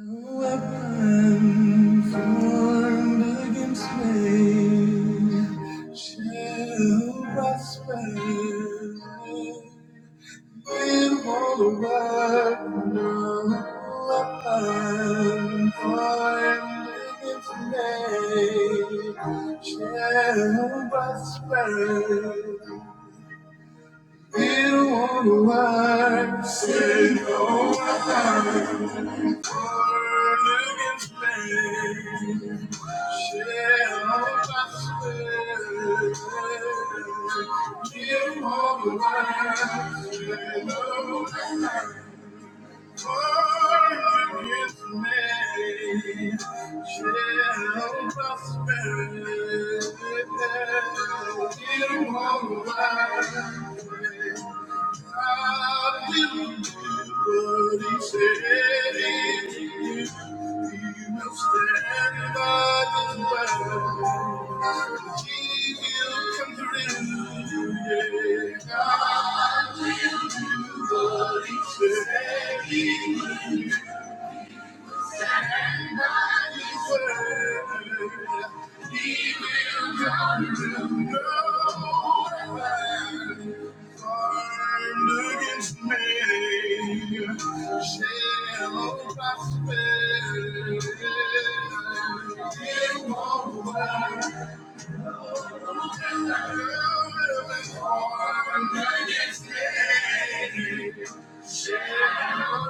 No weapon formed against me shall prosper. It won't work. No weapon formed against me shall prosper. It won't work. Thank you. God will do what He said He will. He will stand by the word. He will come through. Yeah, God will do what He said He will. Shall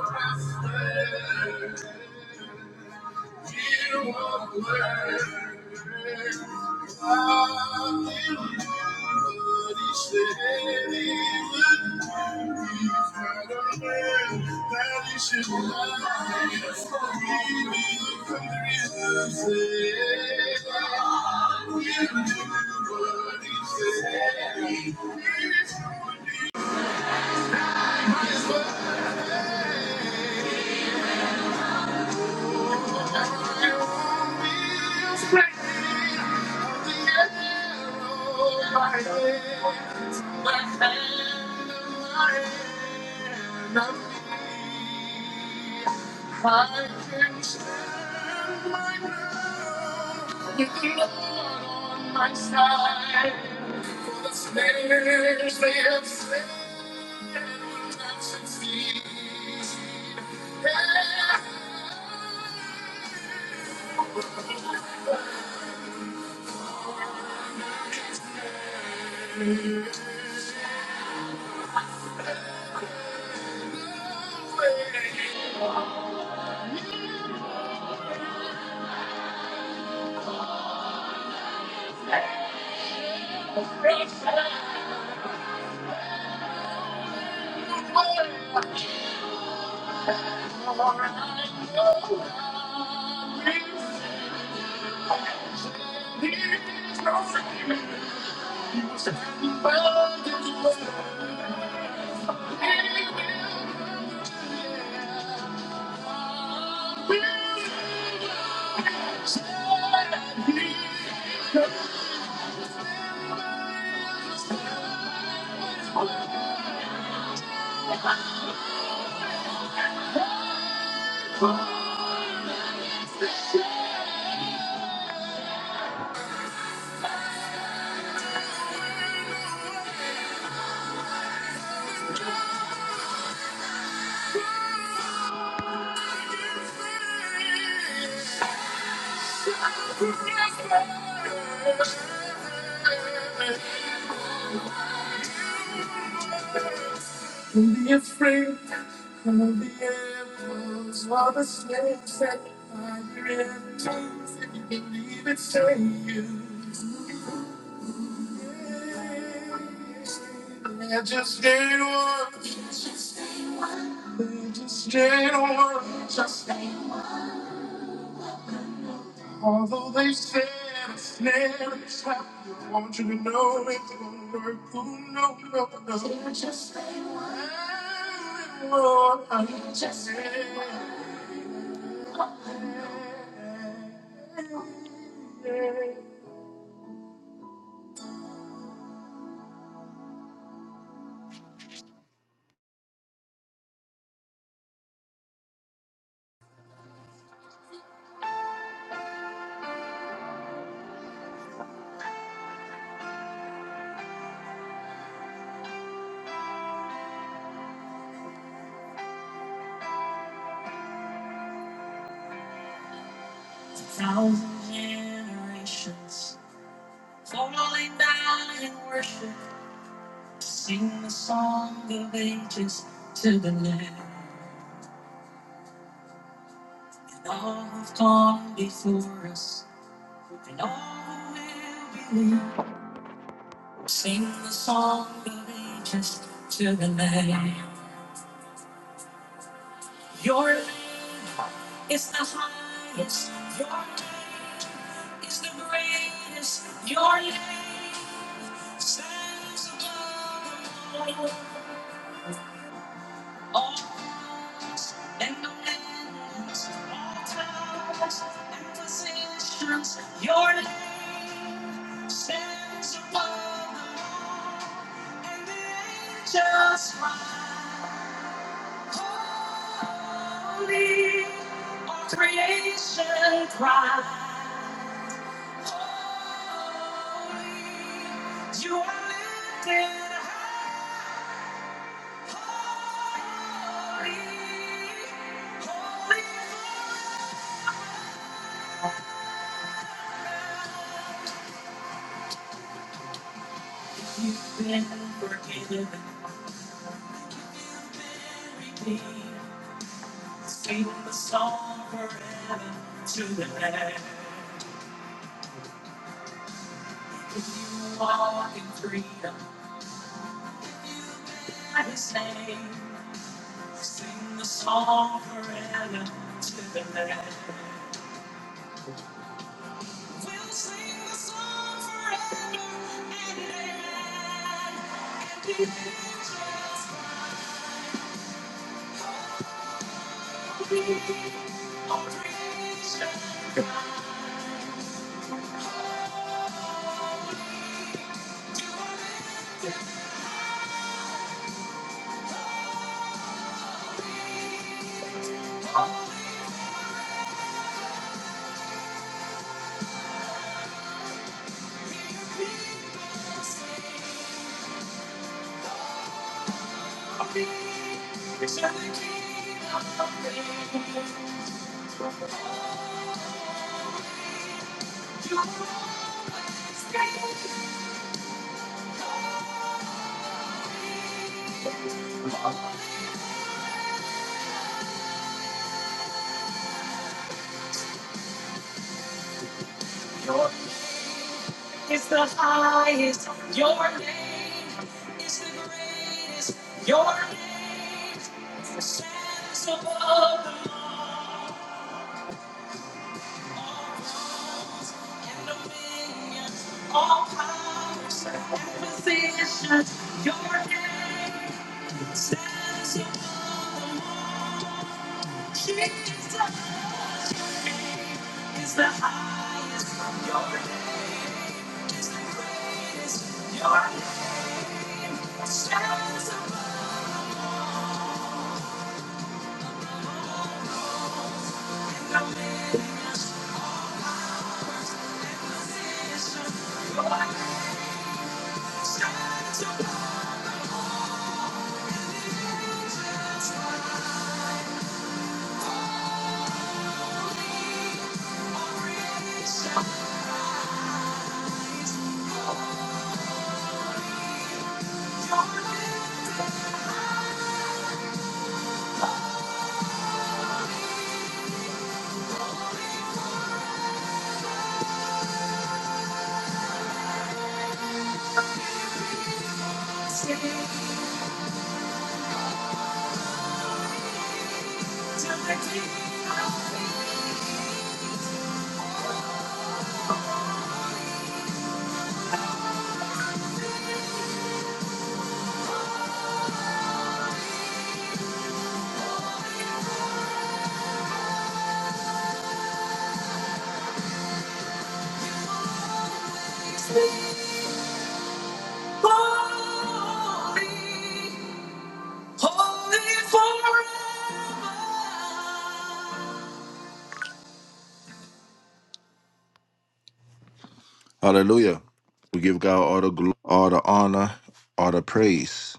prosper. Thank you. I'll be strong, I'll be strong, I'll be strong. I'll be fighting till my last breath. I'll be fighting till my last breath. With the Lord on my side, all the slayers they have slain will turn to steam. I'll be strong, I'll be strong, I'll be strong. Don't Be afraid of the arrows or the snakes that fly your enemies. If you believe it, say you. Yeah, just stay one. Just stay one. Just stay Although they said a snare and a trap, I want you to know it's gonna work. Oh, no, no, no. So you just say one. And Lord, I You just stay one. Thousand generations falling down in worship to sing the song of ages to the Lamb. And all have gone before us. And all will believe. Sing the song of ages to the Lamb. Your name is the highest. Your name is the greatest. Your name stands above all odds and dominions, all powers and positions. Your name stands above them all, and the angels cry. Holy, all creation cries. Holy, you are lifted high. Holy, holy, you've been forgiven, redeemed. Sing the song forever to the land. You walk in freedom by His name. Sing the song forever to the land. Oh, praise and oh, praise and you praise. It's the highest. Your name is the greatest. Your name stands above the law. All rules and dominions, all powers and positions. Your name stands above. Jesus. is the highest. Your name is the greatest. Your name stands above the names. To the King of Kings. Hallelujah. We give God all the glory, all the honor, all the praise.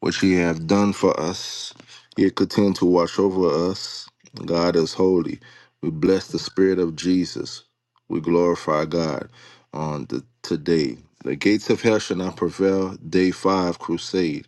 Which He hath done for us. He continue to watch over us. God is holy. We bless the Spirit of Jesus. We glorify God on the today. The gates of hell shall not prevail. Day five crusade.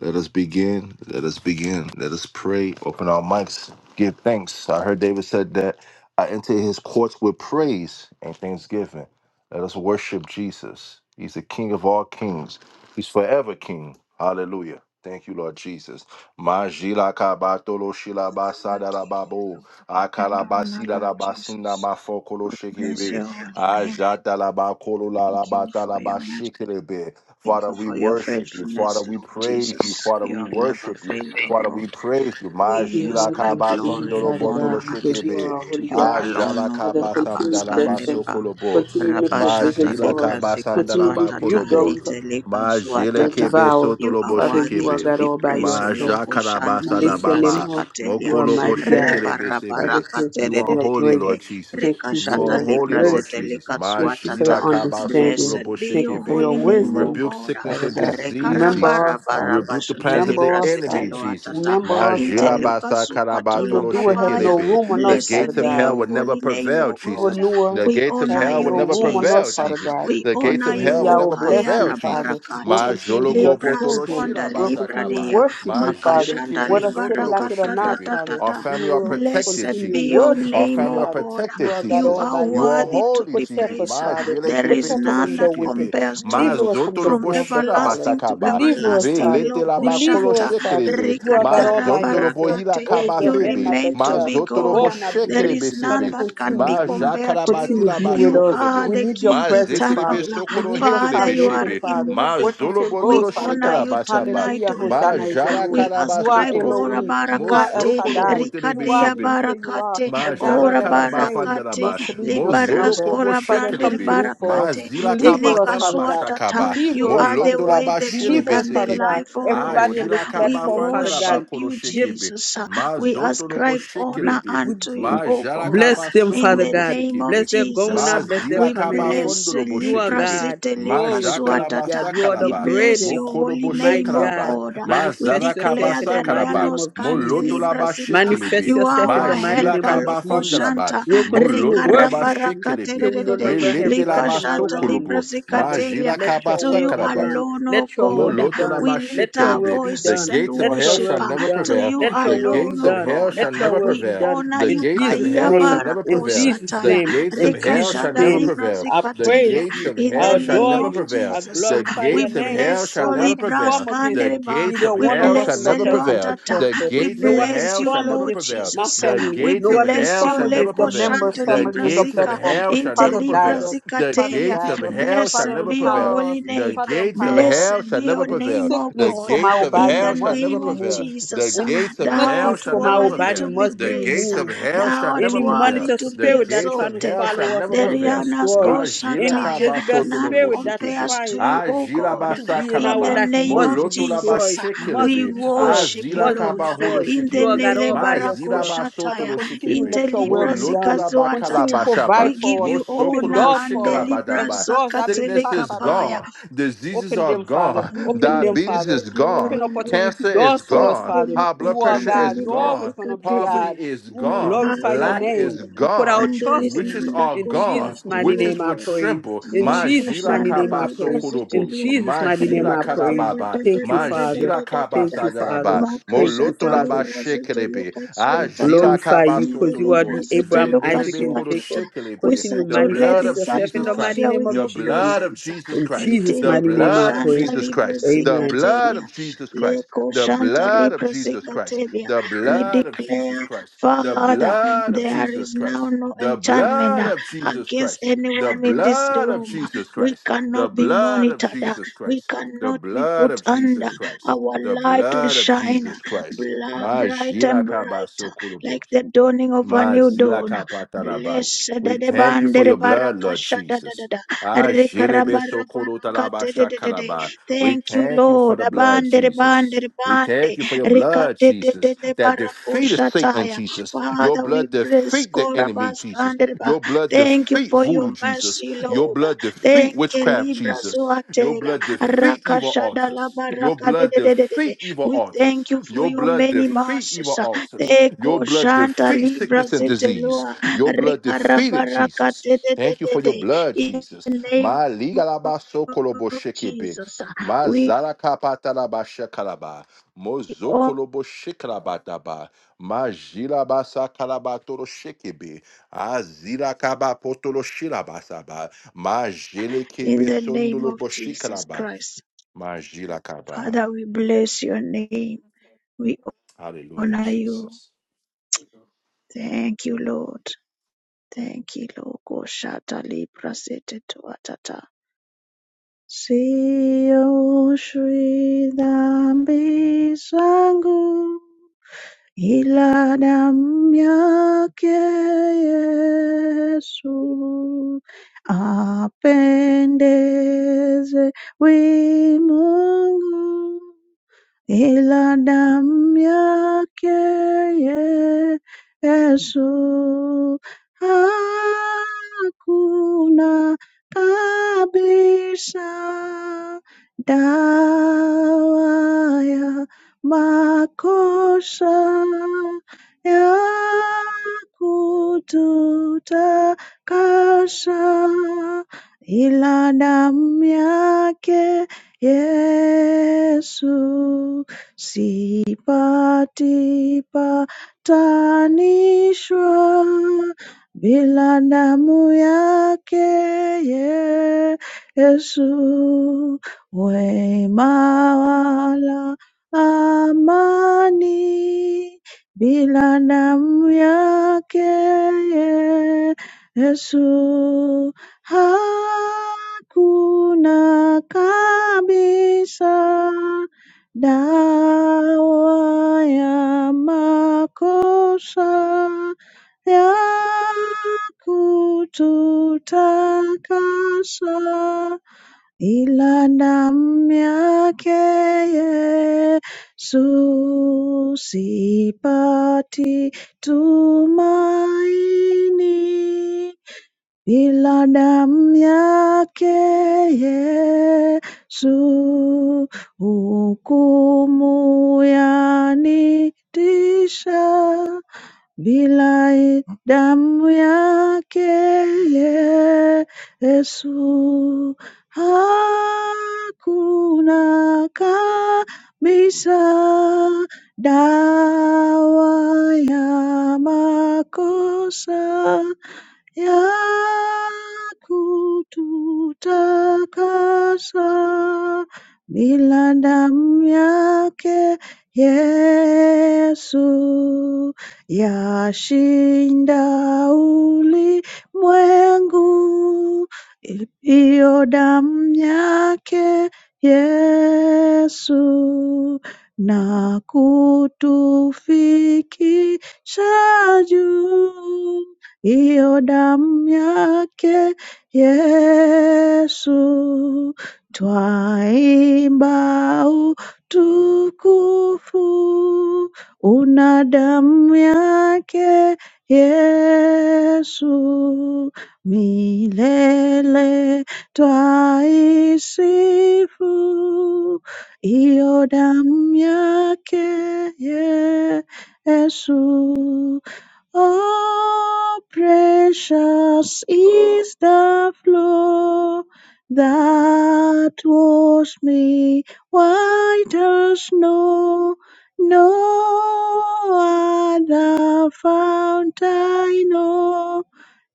Let us begin. Let us begin. Let us pray. Open our mics. Give thanks. I heard David said that I enter his courts with praise and thanksgiving. Let us worship Jesus. He's the King of all kings. He's forever King. Hallelujah. Thank you, Lord Jesus. Majila kabatolo shilabasa We give you darababo. glory and honor, Akalabasi Lord darabasinda Jesus. mafokolo We bless shekebe. your holy name. Ajata labakolo Thank you lalabata for your mercy. labashikelebe. Thank Father, you we for your worship you. Father, faithfulness, we Lord praise you. Jesus. Father, You we have never worship you. failed, O Father, we Lord. praise you. Ma We We give jila all ascribe things to you, glory and Father honor God, botolo because unto you you. shekebe. are our To holy you Ah, God. alone, jala O Father, kaba sam continue to dalaba bless us. Kurabaskandereba, sokolobo. Continue to make Ma provision Rabashata jila for Libra us. Continue to Zikazwatata, rebuke those Itelika that Zwatata. kebe devour. You are sotolobo Father, you worthy are shekebe. to God be all by praised, O Ma yourself. Loko jakaraba You Shanta lift your Libra name sadababa. up. You Zikatelia, are Mokolobo mighty God. shekerebe Father, sebe. thank you You for are Rebarabarakaterede, your holy, Lord grace. Jesus. Thank you You for Rekashata are your holy, Libra Lord mercy. Jesus. Zetelika Ma Thank you for your jila Zwatata. understanding. Blessed be Thank you your for shekebe. your holy We name, O wisdom, rebuke God. sickness Father and God. disease, Remember Jesus. us, We Father. rebuke the Rekarabarabarabashata plans of the Libra Remember us, enemy, Father. Jesus. Zeteluatata. Remember us, Father. Inteluka sukatoloka Evildoer have paya. no Majilabasakarabatoshekirebe. room on The us, Blessed Father gates of be God hell your would never holy name, prevail, O evil God. Jesus. doer The We gates of have honor hell no would you, never room on prevail, us, Jesus. Father Jesus. God. We The gates honor of Continue to you, hell be would O our never Kaya blessing, prevail, Father. Jesus. We'll Rabarakate. continue to be your Libra children. skonda We'll continue to Majolokopotonoshilabasakaba. libraria. worship you, Father. Makashanda Whether sitting like it or libarakata ta not, Majilikepesotoroboshikepe. tata ta Father, Our we family are will protected, Blessed continue be to Jesus. your worship Our you, name, family are O Father. God. You protected, are Jesus. God You all are by Jesus. You are yourself. worthy to holy, be Protect Jesus. us, praised. Ma Father. There jelekebe is Protect us tolo none from that the wicked. shekebe. compares to Ma you Deliver us from the zotolo from snare of the boshira fowler. everlasting to basakaba. Deliver us, everlasting. Father. Velete la Loko bakolo Deliver Shanta. us, Father. shekerebe. You are God Ma all Rikadara by zondolo yourself. bohila barakate, Always the You head, kabafebe. not the remain to Ma tail. be zotolo God. Above, not There beneath boshekerebe is Father, none sebe. that can be continue Ma be, compared to jakarabati you. continue to la be with You us. are bashokorobo. We the need your King Ma presence, eternal. zeterebe Father. We sokoro need your Father, henderebe you salvation, are shebe. Father. Ma What you immovable. zolo say We botolo goes, Father honor shikara God. you basaba. tonight, Hallelujah. O Ma Hosanna Lord. is your jara name. We karaba You are ascribe sokorobo. Ora Elohim. You Mo are El Barakate, jokolo Shaddai. botelebe You are Rikadia who shebe. you say you are. Barakate, A Ma God jala who Ora never kalaba changes, Barakate, nor fandalaba, sleep, mo nor zolo slumber. kobo Libaraskora Father, Brander come shekelebe, through for ma us. Barakate, zila Deliver us, Telika kapatala Father ba God. Suatata. shakaba, You Deliver mo us, are the Father loto God. way, the truth, Deliver us, and the Father God. sekebe, life, O a Lord. Everybody on this jila We kaba platform, Father worship fandalaba God. kolo you, Give shekebe, Jesus. ma We zoto lobo ascribe Bl- honor shekelebe, we- unto you, we- ma O jala God. Bless kaba them, In Father sokolo the bo God. name of Bless shekebe, their going Jesus, ma out, bless their zila we coming kaba in. bless fondolo bo You are Libra shekebe, God. You're ma Zitelika always going to be jakalaba Zuatata. God. You are the We sakalaba, bless mo greatest, your kolo the bo holy mighty name, O shekalaba, God. God. ma We zala Manifest kaba yourself declare in the the mighty sakalaba, name Reanos of mo Kante loto Jesus. Libra laba Zika. Manifest You are yourself in the our mighty Majila name helper, of kaba Jesus. fandaraba. Lokoshanta. We'll continue Rika Moloto laba worship you Rabaraka till shekelebe. we no Tererere. longer have Relete Lika breath laba in our Shanta lungs. Libra sokolobo. Father, Zikatelia. Majila let kaba your To will you be sakaraba. done. alone, O Let your will God. be done. We Let lift your our will Molotolabashekelebe. be The voices done. and gates of Let your hell worship will shall uh, be never done. to prevail. you Let your The will be alone, gates of O done. hell God. shall Let your never will We be prevail. done. honor The In you, gates of Jesus' Kaya hell name. shall never In prevail. Jesus' The Kayabarakosatia, name. gates of In hell Jesus' shall Rekashada never name. Libra prevail. I The Zikatelia, praise gates you. of in the I hell shall name never adore of you. prevail. I Jesus. uh, The glorify We your gates of name. hell bless shall No never Holy weapon prevail. formed against The gates Praskandereba. neither of We one of hell us shall in bless the never platform prevail. should Eluatata. The prosper. We gates No of weapon bless hell you, shall formed never Lord against prevail. my Jesus. uh, The family. We gates No of weapon bless hell you, formed shall never against the Leko prevail. Shanta members' The family Libra in the gates of Zika, platform. hell shall Inte Father, never Libra guide prevail. us. The Father, Zikatelia. gates of guide us. hell shall Blessed Father, never be your prevail. empower us. holy name. The Father, gates of empower us. hell Blessed shall be never your Any name, prevail. O The sickness God, from gates our of in body hell the shall must be never name of prevail. removed. The Jesus. Any gates of Thou hell art sickness shall from never our worthy body prevail. to be must be The praised. gates of removed. hell Thou shall art never Any prevail. worthy monitor to The be spirit that gates trying of to exalted. hell shall follow us never must be prevail. Derianas destroyed. Majila Any Goshataya. Jezebel kabasotolo None spirit that boshikebe. compares to trying you, O Ajila God. to be in In our the basakaraba. life name of must be Molotola Jesus, destroyed, must we be bashekelebe. destroyed, worship you, Azila must be Lord. kabaholo destroyed. In You the are shikebe. God all by Mazila yourself. Father, Nelebarakoshataya. basotolo In continue, shikebe. the let your will be Moloto done. la ba Continue, Librazikazuatata. kalabashaba. provide We give for us. you Open Mosokolo honor doors and for us. Every shikalabadaba. the door that been Sickness shut, is Father, Librazakatelekapaya. them. gone. Diseases Open are them, Father. Oh gone. Open them, Lord, take Diabetes Father. the is glory gone. Open and honor. opportunity Cancer is doors for Take us, gone. the Father. High little blood You are pressure Santa God. is You're Libra always gone. going to be Zicatelli. Poverty God. is We You gone. are glorify your our Lack name. is God, We put gone. our and there trust is in Witches you. none that are In gone. compares Jesus' to you, mighty O Witches name, I would God. praise. tremble. In Lika Jesus' Majila mighty Santa name, I kaba Libra praise. In sokolobo. Zitilia. Jesus' mighty name, Majila I Rika da praise. da kalababa. da da Thank you, da da da Father. da Majila da da kaba Thank da. you, Father. sadaraba. Maka Thank you, Santa Moloto la ba Father Libra shekelebe. Zitiluka Swatata. Ajila glorify kaba you so In the because you are sotolobo, Libra the Abraham, Zitiluka Isaac, vendelebe and Swatata. Jacob. We koroshekelebe, Continue the saturate blood manifest of this yourself in Jesus the mighty atmosphere Christ, name with of the your Jesus. blood of presence. Jesus In Christ, Jesus' the Ntele mighty name I blood of koshanta pray. Jesus libra Christ, the Amen. blood zikatelia. of Jesus Le Christ, the koshanta blood of libra Jesus Christ, zikatelia. the We blood of Jesus declare, Christ, the Father, blood of there Jesus is Christ, now no the blood enchantment uh, of Jesus against Christ, the anyone in this blood of room. Jesus We Christ, the cannot be blood of monitored. uh, Jesus We Christ, the cannot be blood put of under. Jesus Christ, Our the light will blood of shine uh, Jesus Christ. bla- My bright and Jira Kabaso brighter, like Kurubo. the dawning of a new Mazila dawn. kapatalaba. Blessed. We thank you for your blood, Lord Jesus. Ah, jelebe sokoro talaba Rekarabarabarakatedededede. shakalaba. We Thank you, thank you for Lord. the blood, Abandere Jesus. bandere We bande. thank you for your blood, Jesus, Rekatetele that defeated Satan, barakushataya. Jesus. Your Father, we blood bless defeat the enemy, Jesus. Korabaskandereba. Your blood Thank you defeat for your voodoo, Jesus. mercy, Your Lord. blood defeat Thank you, witchcraft, Libra Jesus. Your Zoatela. blood defeat evil Rakashadala altars. Your blood barakadedededede. defeat evil We altars. thank you for Your your blood many defeat evil mercies. altars. Your Eko blood Shanta defeat Libra sickness and disease. Zeteloa. Your blood defeated Jesus. Thank you for your blood, Rekarabarakatetededede Jesus. the name Ma liga la ba so kolobo of shekebe. Jesus. We Mazala kapatalaba shekalaba. all Mozokolobo shekalabadaba. Majila basa kalabatoro shekebe. Azila kaba potolo shilabasaba. Majele in kepe the name sondolo of Jesus boshikalaba. Christ. Majila Father, kaba. we bless your name. We Hallelujah, honor you. Jesus. Thank you, Lord. Thank you, Lord. Koshata Libra Sete Tuatata. Sio shwi dhambi zangu ila damu yake Yesu apendeze wi Mungu. Ila damu yake Yesu hakuna kabisa dawa ya makosa ya kututakasa ila damu yake Yesu sipati patanishwa bila damu yake Yesu, wema wala amani bila damu yake Yesu Hakuna kabisa dawa ya makosa ya kututakasa ila damu yake Yesu, sipati tumaini. Ila damu yake Yesu, hukumu yanitisha. Bila damu yake Yesu, hakuna kabisa dawa ya makosa yakututakasa bila damu yake Yesu yashinda ulimwengu iyo damu yake Yesu na kutufikisha juu Iyo damu yake Yesu twaimba utukufu, una damu yake Yesu milele twaisifu, iyo damu yake Yesu Oh, precious is the flow that washed me white as snow. No other fount I know,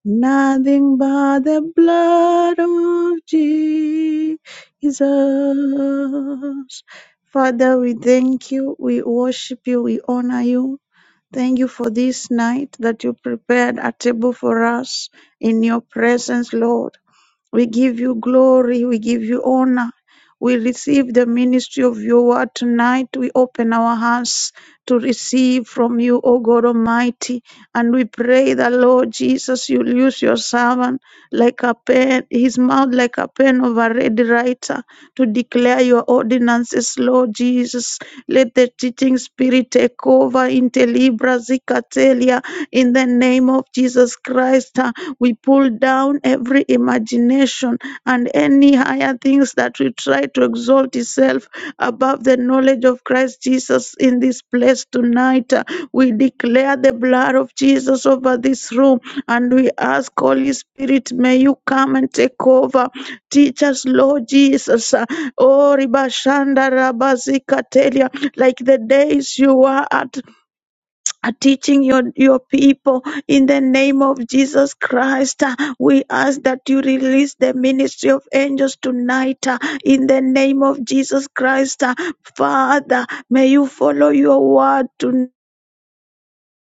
nothing but the blood of Jesus. Father, we thank you, we worship you, we honor you. Thank you for this night that you prepared a table for us in your presence, Lord. We give you glory. We give you honor. We receive the ministry of your word tonight. We open our hands to receive from you, O God Almighty. And we pray that, Lord Jesus, you'll use your servant like a pen, his mouth like a pen of a ready writer to declare your ordinances, Lord Jesus. Let the teaching spirit take over in Telibra Zikatelia in the name of Jesus Christ. We pull down every imagination and any higher things that will try to exalt itself above the knowledge of Christ Jesus in this place tonight. Uh, We declare the blood of Jesus over this room and we ask, Holy Spirit, may you come and take over. Teach us, Lord Jesus. Uh, Oh, Ribashanda Rabazikatelia, like the days you were at are teaching your, your people in the name of Jesus Christ. Uh, We ask that you release the ministry of angels tonight uh, in the name of Jesus Christ. Uh, Father, may you follow your word tonight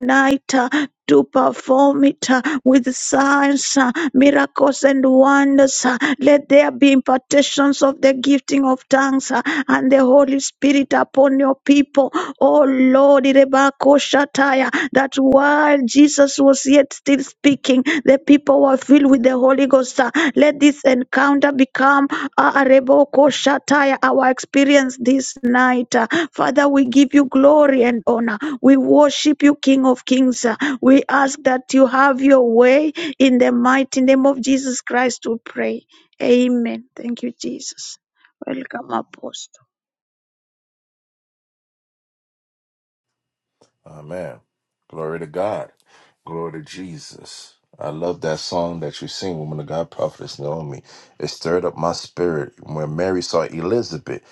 night uh, to perform it uh, with signs, uh, miracles, and wonders. uh, Let there be impartations of the gifting of tongues uh, and the Holy Spirit upon your people. Oh Lord, Irebakoshataya, that while Jesus was yet still speaking, the people were filled with the Holy Ghost. uh, Let this encounter become uh, Arebokoshataya, our experience this night. uh, Father, we give you glory and honor. We worship you, King of Kings. We ask that you have your way in the mighty name of Jesus Christ. We pray. Amen. Thank you, Jesus. Welcome, Apostle. Amen. Glory to God. Glory to Jesus. I love that song that you sing, Woman of God, Prophetess Naomi. It stirred up my spirit when Mary saw Elizabeth.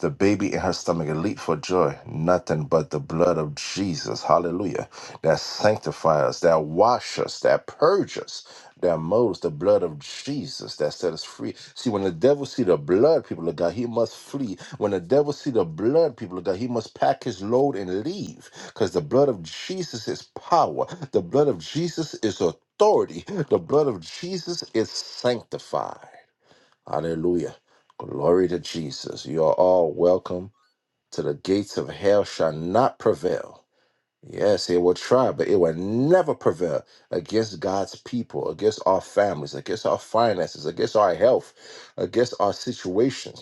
The baby in her stomach leaped for joy. Nothing but the blood of Jesus, hallelujah, that sanctifies us, that washes us, that purges us, that molds the blood of Jesus that set us free. See, when the devil see the blood, people of God, he must flee. When the devil see the blood, people of God, he must pack his load and leave. Because the blood of Jesus is power. The blood of Jesus is authority. The blood of Jesus is sanctified. Hallelujah. Glory to Jesus. You are all welcome to the gates of hell shall not prevail. Yes, it will try, but it will never prevail against God's people, against our families, against our finances, against our health, against our situations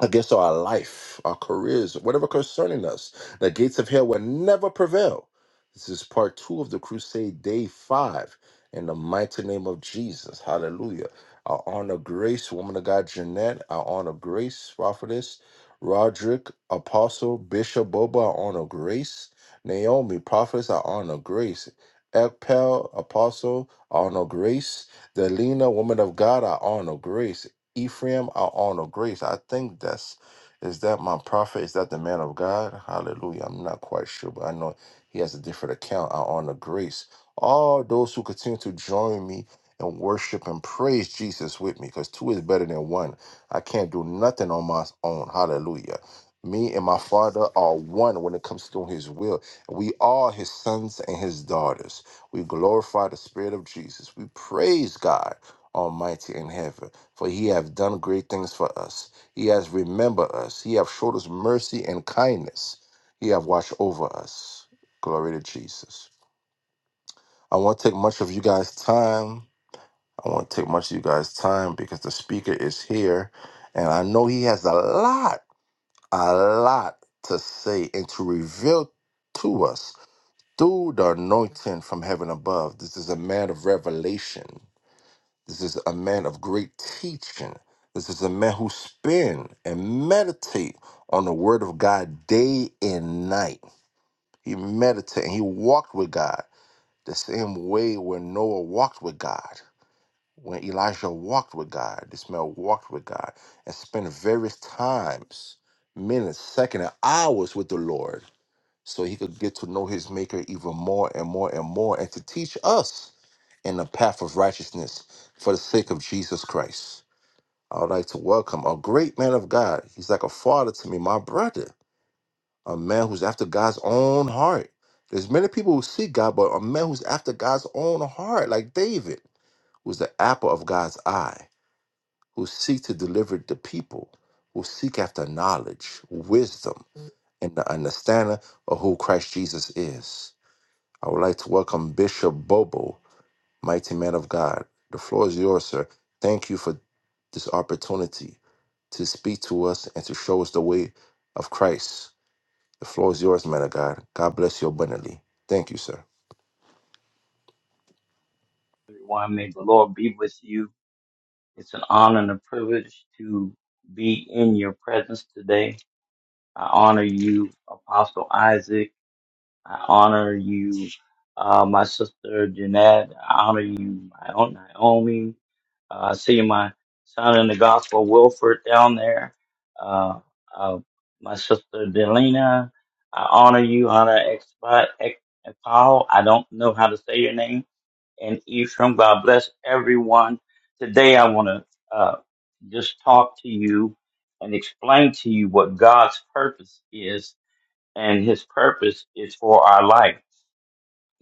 against our life, our careers, whatever concerning us. The gates of hell will never prevail. This is part two of the crusade, day five. In the mighty name of Jesus, hallelujah. I honor Grace, woman of God, Jeanette. I honor Grace, prophetess, Roderick, apostle, Bishop Boba. I honor Grace, Naomi, prophetess. I honor Grace, Ekpel, apostle. I honor Grace, Delina, woman of God. I honor Grace. Ephraim, our honor, grace. I think that's is that my prophet? Is that the man of God? Hallelujah. I'm not quite sure, but I know he has a different account. Our honor, grace. All those who continue to join me and worship and praise Jesus with me, because two is better than one. I can't do nothing on my own. Hallelujah. Me and my father are one when it comes to doing his will. We are his sons and his daughters. We glorify the Spirit of Jesus. We praise God Almighty in heaven for he hath done great things for us. He hath remembered us. He hath showed us mercy and kindness. He hath watched over us. Glory to Jesus. I won't take much of you guys' time. I won't take much of you guys' time because the speaker is here. And I know he has a lot, a lot to say and to reveal to us through the anointing from heaven above. This is a man of revelation. This is a man of great teaching. This is a man who spend and meditate on the word of God day and night. He meditated and he walked with God the same way when Noah walked with God, when Elijah walked with God, this man walked with God and spent various times, minutes, seconds, and hours with the Lord so he could get to know his maker even more and more and more and to teach us in the path of righteousness for the sake of Jesus Christ. I would like to welcome a great man of God. He's like a father to me, my brother, a man who's after God's own heart. There's many people who see God, but a man who's after God's own heart, like David, who's the apple of God's eye, who seek to deliver the people, who seek after knowledge, wisdom, and the understanding of who Christ Jesus is. I would like to welcome Bishop Bobo, mighty man of God. The floor is yours, sir. Thank you for this opportunity to speak to us and to show us the way of Christ. The floor is yours, man of God. God bless you abundantly. Thank you, sir. everyone. May the Lord be with you. It's an honor and a privilege to be in your presence today. I honor you, Apostle Isaac. I honor you, uh, my sister Jeanette. I honor you, my own Naomi. Uh, I see my son in the gospel, Wilford, down there. Uh, uh, my sister Delina. I honor you, honor Expo. Ex- Paul. I don't know how to say your name and Ephraim. God bless everyone. Today, I want to uh, just talk to you and explain to you what God's purpose is, and His purpose is for our life.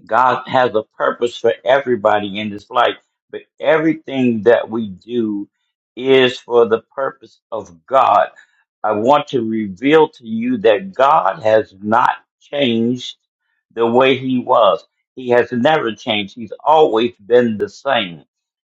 God has a purpose for everybody in this life, but everything that we do is for the purpose of God. I want to reveal to you that God has not changed the way he was. He has never changed. He's always been the same.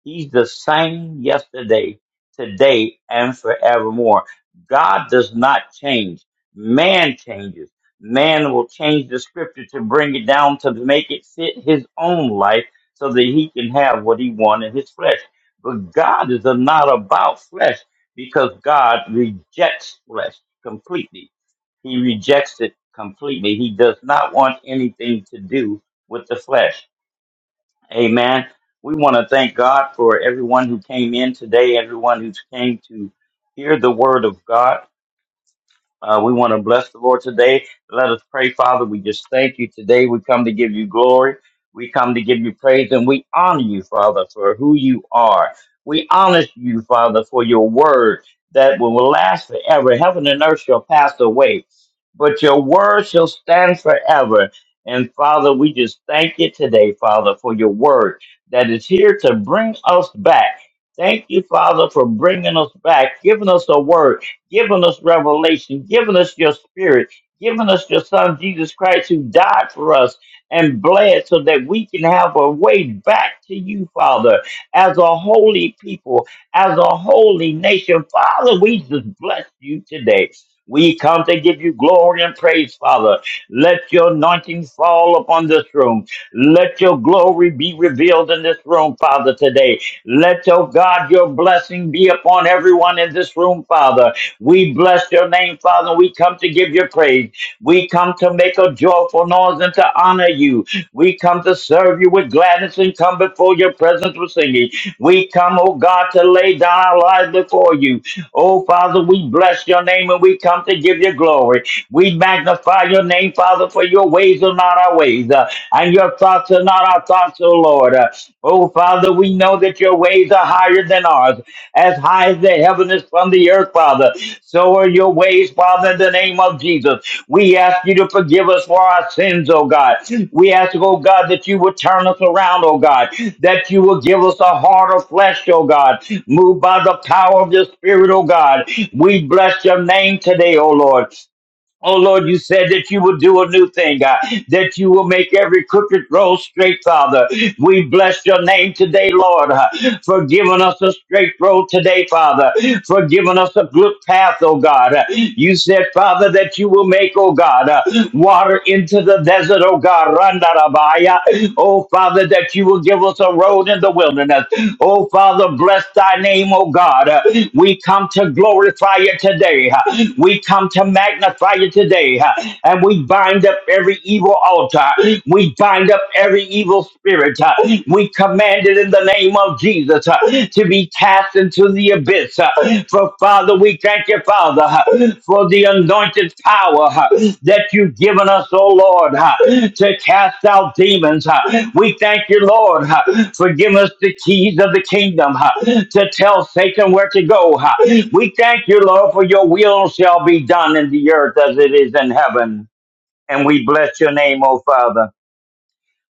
He's the same yesterday, today, and forevermore. God does not change. Man changes man will change the scripture to bring it down to make it fit his own life so that he can have what he wants in his flesh. But God is not about flesh because God rejects flesh completely. He rejects it completely. He does not want anything to do with the flesh. Amen. We want to thank God for everyone who came in today, everyone who came to hear the word of God. Uh, we want to bless the Lord today. Let us pray, Father. We just thank you today. We come to give you glory. We come to give you praise and we honor you, Father, for who you are. We honor you, Father, for your word that will last forever. Heaven and earth shall pass away, but your word shall stand forever. And Father, we just thank you today, Father, for your word that is here to bring us back. Thank you, Father, for bringing us back, giving us a word giving us revelation, giving us your spirit, giving us your son Jesus Christ who died for us and bled so that we can have a way back to you, Father, as a holy people, as a holy nation. Father, we just bless you today. We come to give you glory and praise, Father. Let your anointing fall upon this room. Let your glory be revealed in this room, Father, today. Let, oh God, your blessing be upon everyone in this room, Father. We bless your name, Father. We come to give you praise. We come to make a joyful noise and to honor you. We come to serve you with gladness and come before your presence with singing. We come, oh God, to lay down our lives before you. Oh, Father, we bless your name and we come to give you glory. We magnify your name, Father, for your ways are not our ways, uh, and your thoughts are not our thoughts, oh Lord. Uh, oh, Father, we know that your ways are higher than ours, as high as the heaven is from the earth, Father. So for your ways, Father, in the name of Jesus. We ask you to forgive us for our sins, oh God. We ask, oh God, that you would turn us around, oh God, that you will give us a heart of flesh, oh God, moved by the power of your spirit, oh God. We bless your name today, oh Lord. Oh Lord, you said that you will do a new thing, God, that you will make every crooked road straight, Father. We bless your name today, Lord, uh, for giving us a straight road today, Father, for giving us a good path, oh God. Uh, You said, Father, that you will make, oh God, uh, water into the desert, oh God. Randarabaya. Oh Father. Father, that you will give us a road in the wilderness. Oh, Father, bless thy name, oh God. Uh, We come to glorify you today. Uh, We come to magnify you today. Uh, And we bind up every evil altar. We bind up every evil spirit. Uh, We command it in the name of Jesus uh, to be cast into the abyss. For Father, we thank you, Father, for the anointed power that you've given us, oh Lord, to cast out demons. We thank you, Lord, for giving us the keys of the kingdom to tell Satan where to go. We thank you, Lord, for your will shall be done in the earth as it is in heaven. And we bless your name, oh Father.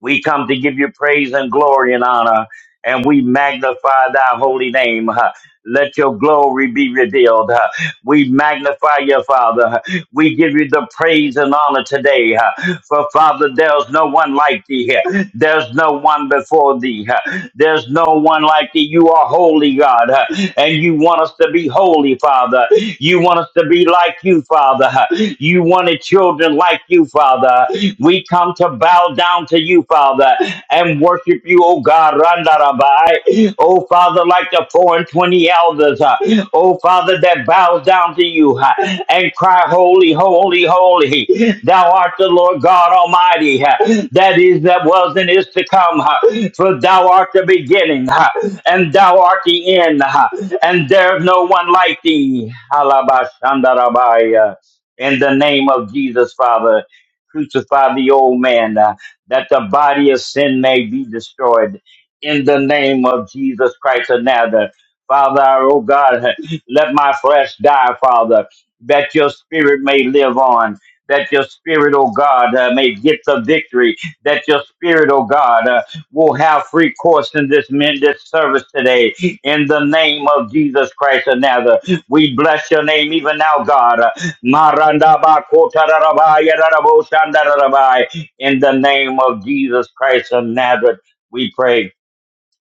We come to give you praise and glory and honor, and we magnify thy holy name. huh. Let your glory be revealed. huh. We magnify your Father. huh. We give you the praise and honor today. huh. For Father, there's no one like thee. huh. There's no one before thee. huh. There's no one like thee. You are holy, God, huh. and you want us to be holy, Father. You want us to be like you, Father. huh. You wanted children like you, Father. We we come to bow down to you, Father, and worship you, O God, Randarabai. O Father, like the four and twenty elders, uh, O Father, that bows down to you uh, and cry, Holy, holy, holy. Thou art the Lord God Almighty, uh, that is, that was, and is to come. uh, For thou art the beginning, uh, and thou art the end, uh, and there is no one like thee. Halabashandarabaya. In the name of Jesus, Father. Crucify the old man, uh, that the body of sin may be destroyed. In the name of Jesus Christ of Nazareth. Father, oh God, let my flesh die, Father, that your spirit may live on. That your spirit, oh God, uh, may get the victory. That your spirit, oh God, uh, will have free course in this men this service today. In the name of Jesus Christ of Nazareth, we bless your name even now, God. Maranda Marandaba kotararabai, yararabo shandarabai. In the name of Jesus Christ of Nazareth, we pray.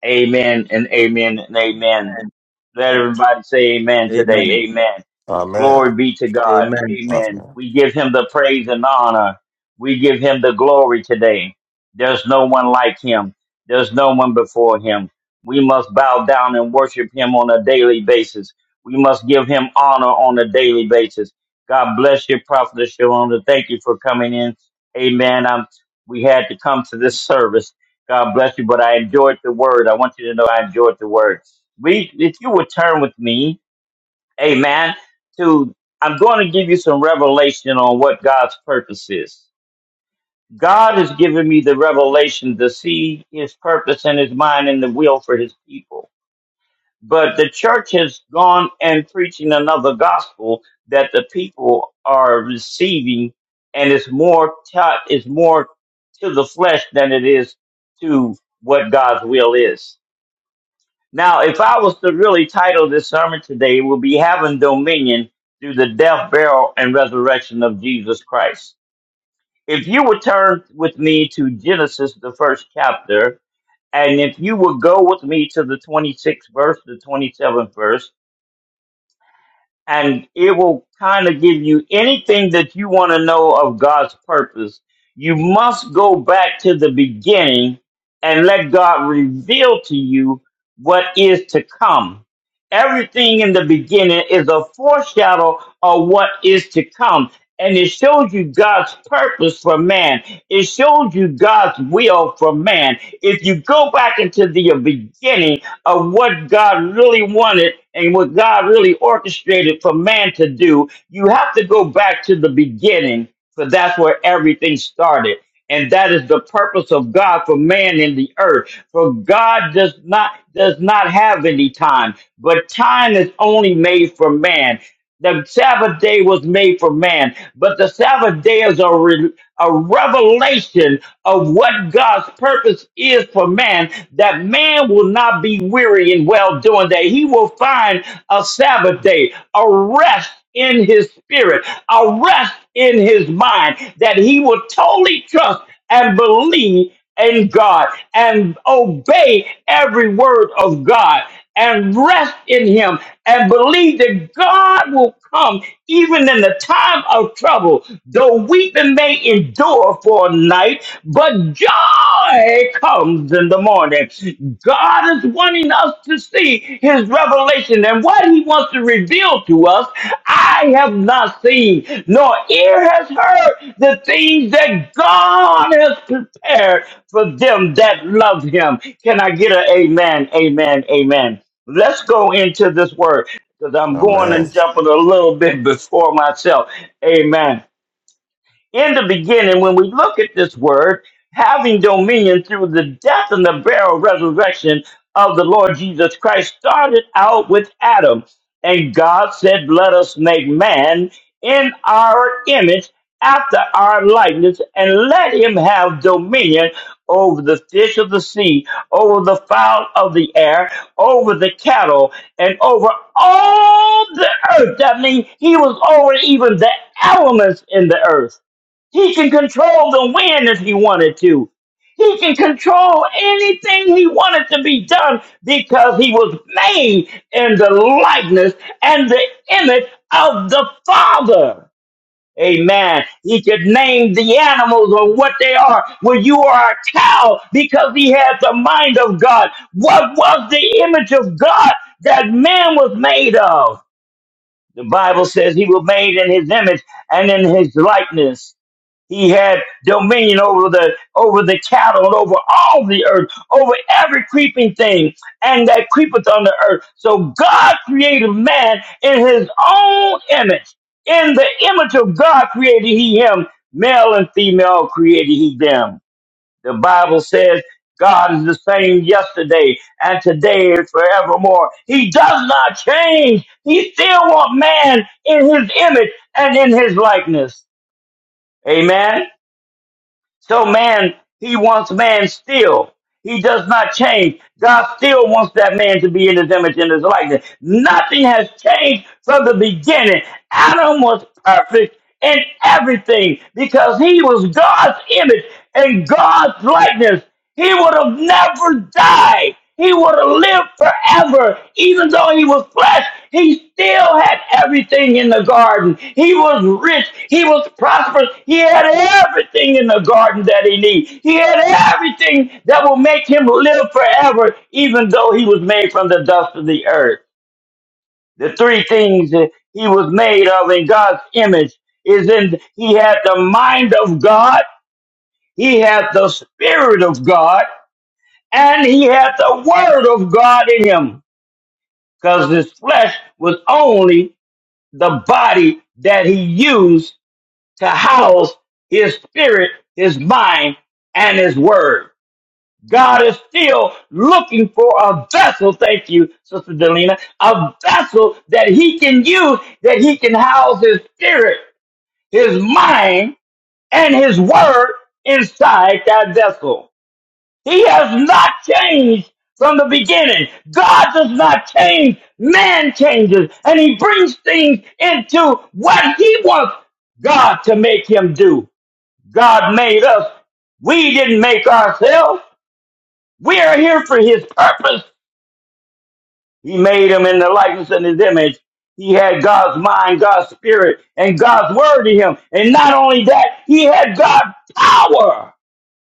Amen and amen and amen. Let everybody say amen Amen. today. Amen. Glory Amen. be to God. Amen. Amen. Amen. We give him the praise and honor. We give him the glory today. There's no one like him. There's no one before him. We must bow down and worship him on a daily basis. We must give him honor on a daily basis. God bless you, Prophet Shalom. Thank you for coming in. Amen. Um, we had to come to this service God bless you. But I enjoyed the word. I want you to know I enjoyed the word. We, if you would turn with me, Amen. To I'm going to give you some revelation on what God's purpose is. God has given me the revelation to see His purpose and His mind and the will for His people. But the church has gone and preaching another gospel that the people are receiving, and it's more taught, is more to the flesh than it is to what God's will is. Now, if I was to really title this sermon today, it would be Having Dominion Through the Death, Burial, and Resurrection of Jesus Christ. If you would turn with me to Genesis, the first chapter, and if you would go with me to the 26th verse, the 27th verse, and it will kind of give you anything that you want to know of God's purpose. You must go back to the beginning and let God reveal to you what is to come. Everything in the beginning is a foreshadow of what is to come. And it shows you God's purpose for man. It shows you God's will for man. If you go back into the beginning, of what God really wanted and what God really orchestrated for man to do, you have to go back to the beginning, for that's where everything started. And that is the purpose of God for man in the earth. For God does not does not have any time, but time is only made for man. The Sabbath day was made for man, but the Sabbath day is a, re- a revelation of what God's purpose is for man, that man will not be weary in well doing, that he will find a Sabbath day, a rest in his spirit, a rest in his mind, that he will totally trust and believe in God and obey every word of God and rest in him and believe that God will come even in the time of trouble. Though weeping may endure for a night, but joy comes in the morning. God is wanting us to see his revelation and what he wants to reveal to us. I have not seen, nor ear has heard the things that God has prepared for them that love him. Can I get a amen, amen, amen? Let's go into this word because I'm going Amen. and jumping a little bit before myself. Amen in the beginning, when we look at this word, having dominion through the death and the burial resurrection of the Lord Jesus Christ started out with Adam. And God said, Let us make man in our image, after our likeness, and let him have dominion over the fish of the sea, over the fowl of the air, over the cattle, and over all the earth. That means he was over even the elements in the earth. He can control the wind if he wanted to. He can control anything he wanted to be done because he was made in the likeness and the image of the Father. Amen. He could name the animals or what they are. Well, you are a cow because he had the mind of God. What was the image of God that man was made of? The Bible says he was made in his image and in his likeness. He had dominion over the over the cattle and over all the earth, over every creeping thing, and that creepeth on the earth. So God created man in his own image. In the image of God created he him. Male and female created he them. The Bible says God is the same yesterday and today and forevermore. He does not change. He still wants man in his image and in his likeness. Amen. So man, he wants man still. He does not change. God still wants that man to be in his image and his likeness. Nothing has changed from the beginning. Adam was perfect in everything because he was God's image and God's likeness. He would have never died. He would have lived forever. Even though he was flesh, he still had everything in the garden. He was rich. He was prosperous. He had everything in the garden that he needed. He had everything that will make him live forever, even though he was made from the dust of the earth. The three things that he was made of in God's image is in he had the mind of God. He had the spirit of God and he had the word of God in him, because his flesh was only the body that he used to house his spirit, his mind, and his word. God is still looking for a vessel. Thank you, Sister Delina. A vessel that he can use, that he can house his spirit, his mind, and his word inside that vessel. He has not changed from the beginning. God does not change. Man changes and he brings things into what he wants God to make him do. God made us. We didn't make ourselves. We are here for his purpose. He made him in the likeness and his image. He had God's mind, God's spirit, and God's word to him. And not only that, he had God's power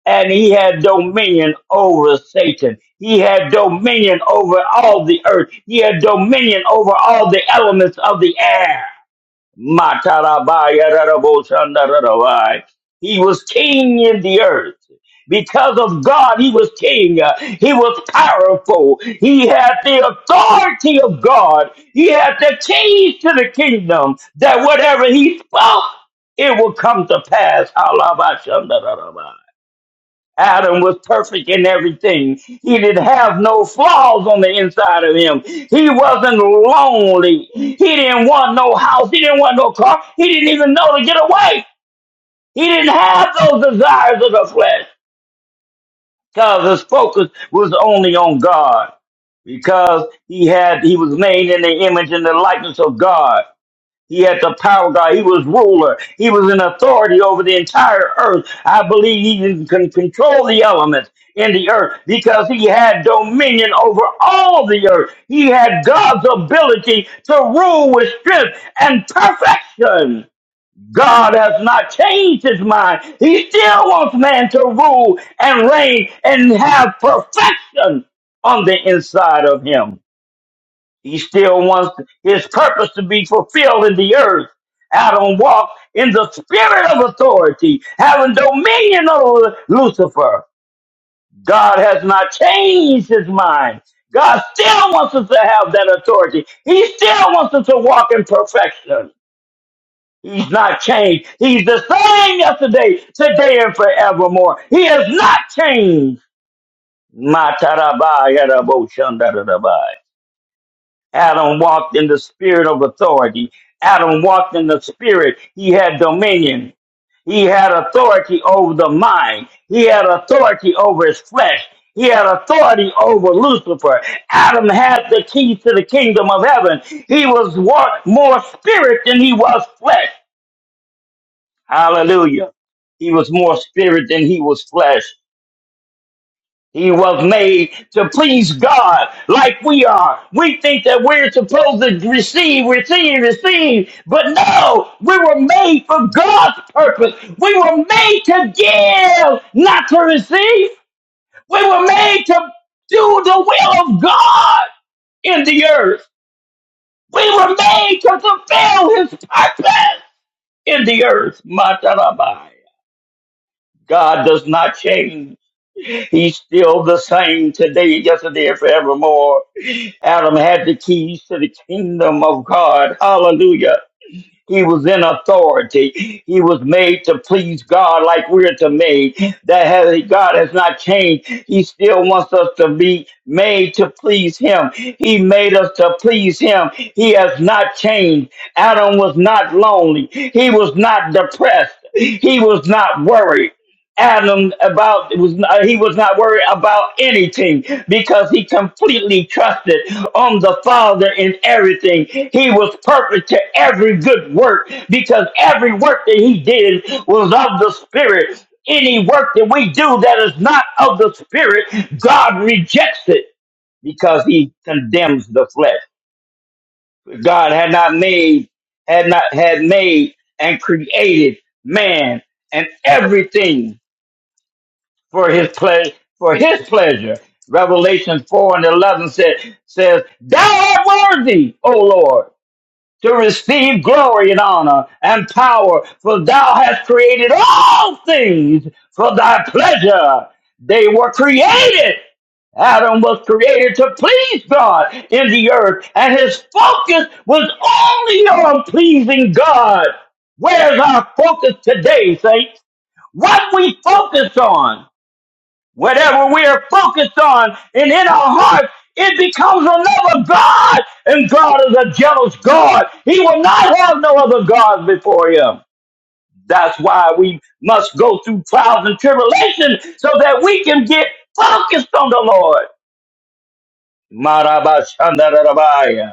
and he had dominion over Satan. He had dominion over all the earth. He had dominion over all the elements of the air. Matarabayarabosandarabai. He was king in the earth. Because of God, he was king. Uh, He was powerful. He had the authority of God. He had the keys to the kingdom that whatever he spoke, it will come to pass. Adam was perfect in everything. He didn't have no flaws on the inside of him. He wasn't lonely. He didn't want no house. He didn't want no car. He didn't even know to get away. He didn't have those desires of the flesh because his focus was only on God. Because he had, he was made in the image and the likeness of God. He had the power of God. He was ruler. He was in authority over the entire earth. I believe he can can control the elements in the earth because he had dominion over all the earth. He had God's ability to rule with strength and perfection. God has not changed his mind. He still wants man to rule and reign and have perfection on the inside of him. He still wants his purpose to be fulfilled in the earth. Adam walked in the spirit of authority, having dominion over Lucifer. God has not changed his mind. God still wants us to have that authority. He still wants us to walk in perfection. He's not changed. He's the same yesterday, today, and forevermore. He has not changed. Matarabayaraboshandarabai. Adam walked in the spirit of authority. Adam walked in the spirit. He had dominion. He had authority over the mind. He had authority over his flesh. He had authority over Lucifer. Adam had the keys to the kingdom of heaven. He was wa- more spirit than he was flesh. Hallelujah. He was more spirit than he was flesh. He was made to please God like we are. We think that we're supposed to receive, receive, receive, but no, we were made for God's purpose. We were made to give, not to receive. We were made to do the will of God in the earth. We were made to fulfill his purpose in the earth. Matarabai. God does not change. He's still the same today, yesterday, and forevermore. Adam had the keys to the kingdom of God. Hallelujah. He was in authority. He was made to please God like we're to made. That has, God has not changed. He still wants us to be made to please him. He made us to please him. He has not changed. Adam was not lonely. He was not depressed. He was not worried. Adam about it was not- he was not worried about anything because he completely trusted on the Father in everything. He was perfect to every good work because every work that he did was of the Spirit. Any work that we do that is not of the Spirit, God rejects it because He condemns the flesh. God had not made, had not had made and created man and everything for his pleasure for his pleasure. Revelation four and eleven said, says, Thou art worthy, O Lord, to receive glory and honor and power, for thou hast created all things for thy pleasure. They were created. Adam was created to please God in the earth, and his focus was only on pleasing God. Where's our focus today, saints? What we focus on? Whatever we are focused on and in our heart, it becomes another God. And God is a jealous God. He will not have no other gods before him. That's why we must go through trials and tribulation so that we can get focused on the Lord. Marabashandarabaya.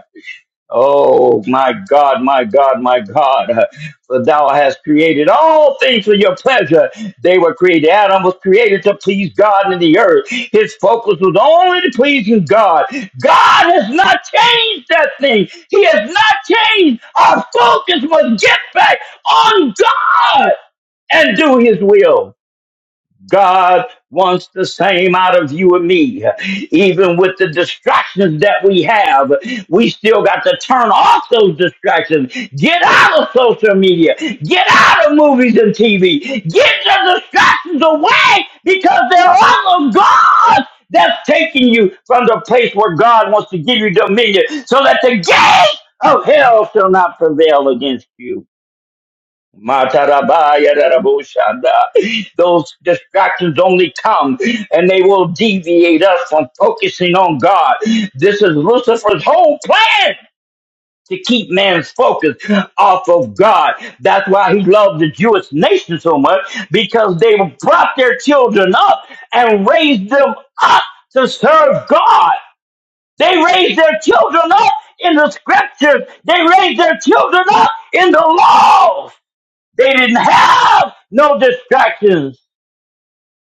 Oh, my God, my God, my God. For thou hast created all things for your pleasure. They were created. Adam was created to please God in the earth. His focus was only to pleasing God. God has not changed that thing. He has not changed. Our focus must get back on God and do his will. God wants the same out of you and me. Even with the distractions that we have, we still got to turn off those distractions. Get out of social media. Get out of movies and TV. Get the distractions away because they're all of God that's taking you from the place where God wants to give you dominion so that the gate of hell shall not prevail against you. Matarabayararabushanda. Those distractions only come and they will deviate us from focusing on God. This is Lucifer's whole plan to keep man's focus off of God. That's why he loved the Jewish nation so much because they brought their children up and raised them up to serve God. They raised their children up in the scriptures. They raised their children up in the laws. They didn't have no distractions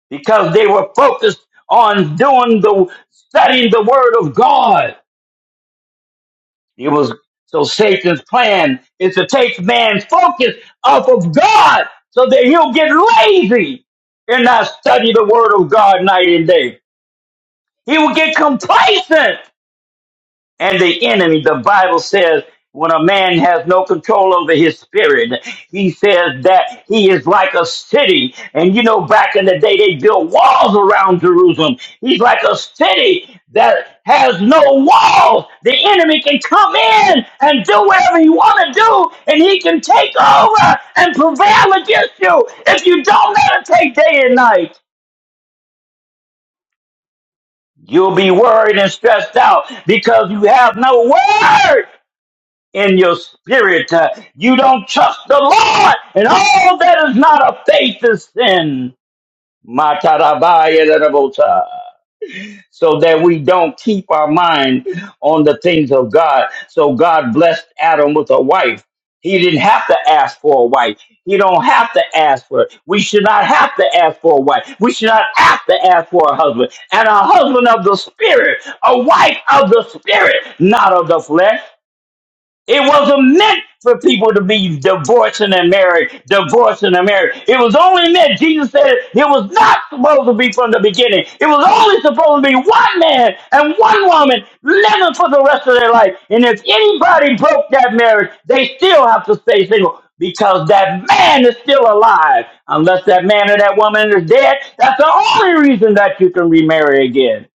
because they were focused on doing the studying the word of God. It was so Satan's plan is to take man's focus off of God so that he'll get lazy and not study the word of God night and day. He will get complacent and the enemy. The Bible says when a man has no control over his spirit, he says that he is like a city. And you know, back in the day, they built walls around Jerusalem. He's like a city that has no walls. The enemy can come in and do whatever he want to do, and he can take over and prevail against you if you don't meditate day and night. You'll be worried and stressed out because you have no word in your spirit. Uh, you don't trust the Lord, and all that is not of faith is sin. Matarabayarabota. So that we don't keep our mind on the things of God. So God blessed Adam with a wife. He didn't have to ask for a wife. He don't have to ask for it. We should not have to ask for a wife. We should not have to ask for a husband. And a husband of the spirit, a wife of the spirit, not of the flesh. It wasn't meant for people to be divorcing and married, divorcing and married. It was only meant, Jesus said, it was not supposed to be from the beginning. It was only supposed to be one man and one woman living for the rest of their life. And if anybody broke that marriage, they still have to stay single because that man is still alive. Unless that man or that woman is dead, that's the only reason that you can remarry again.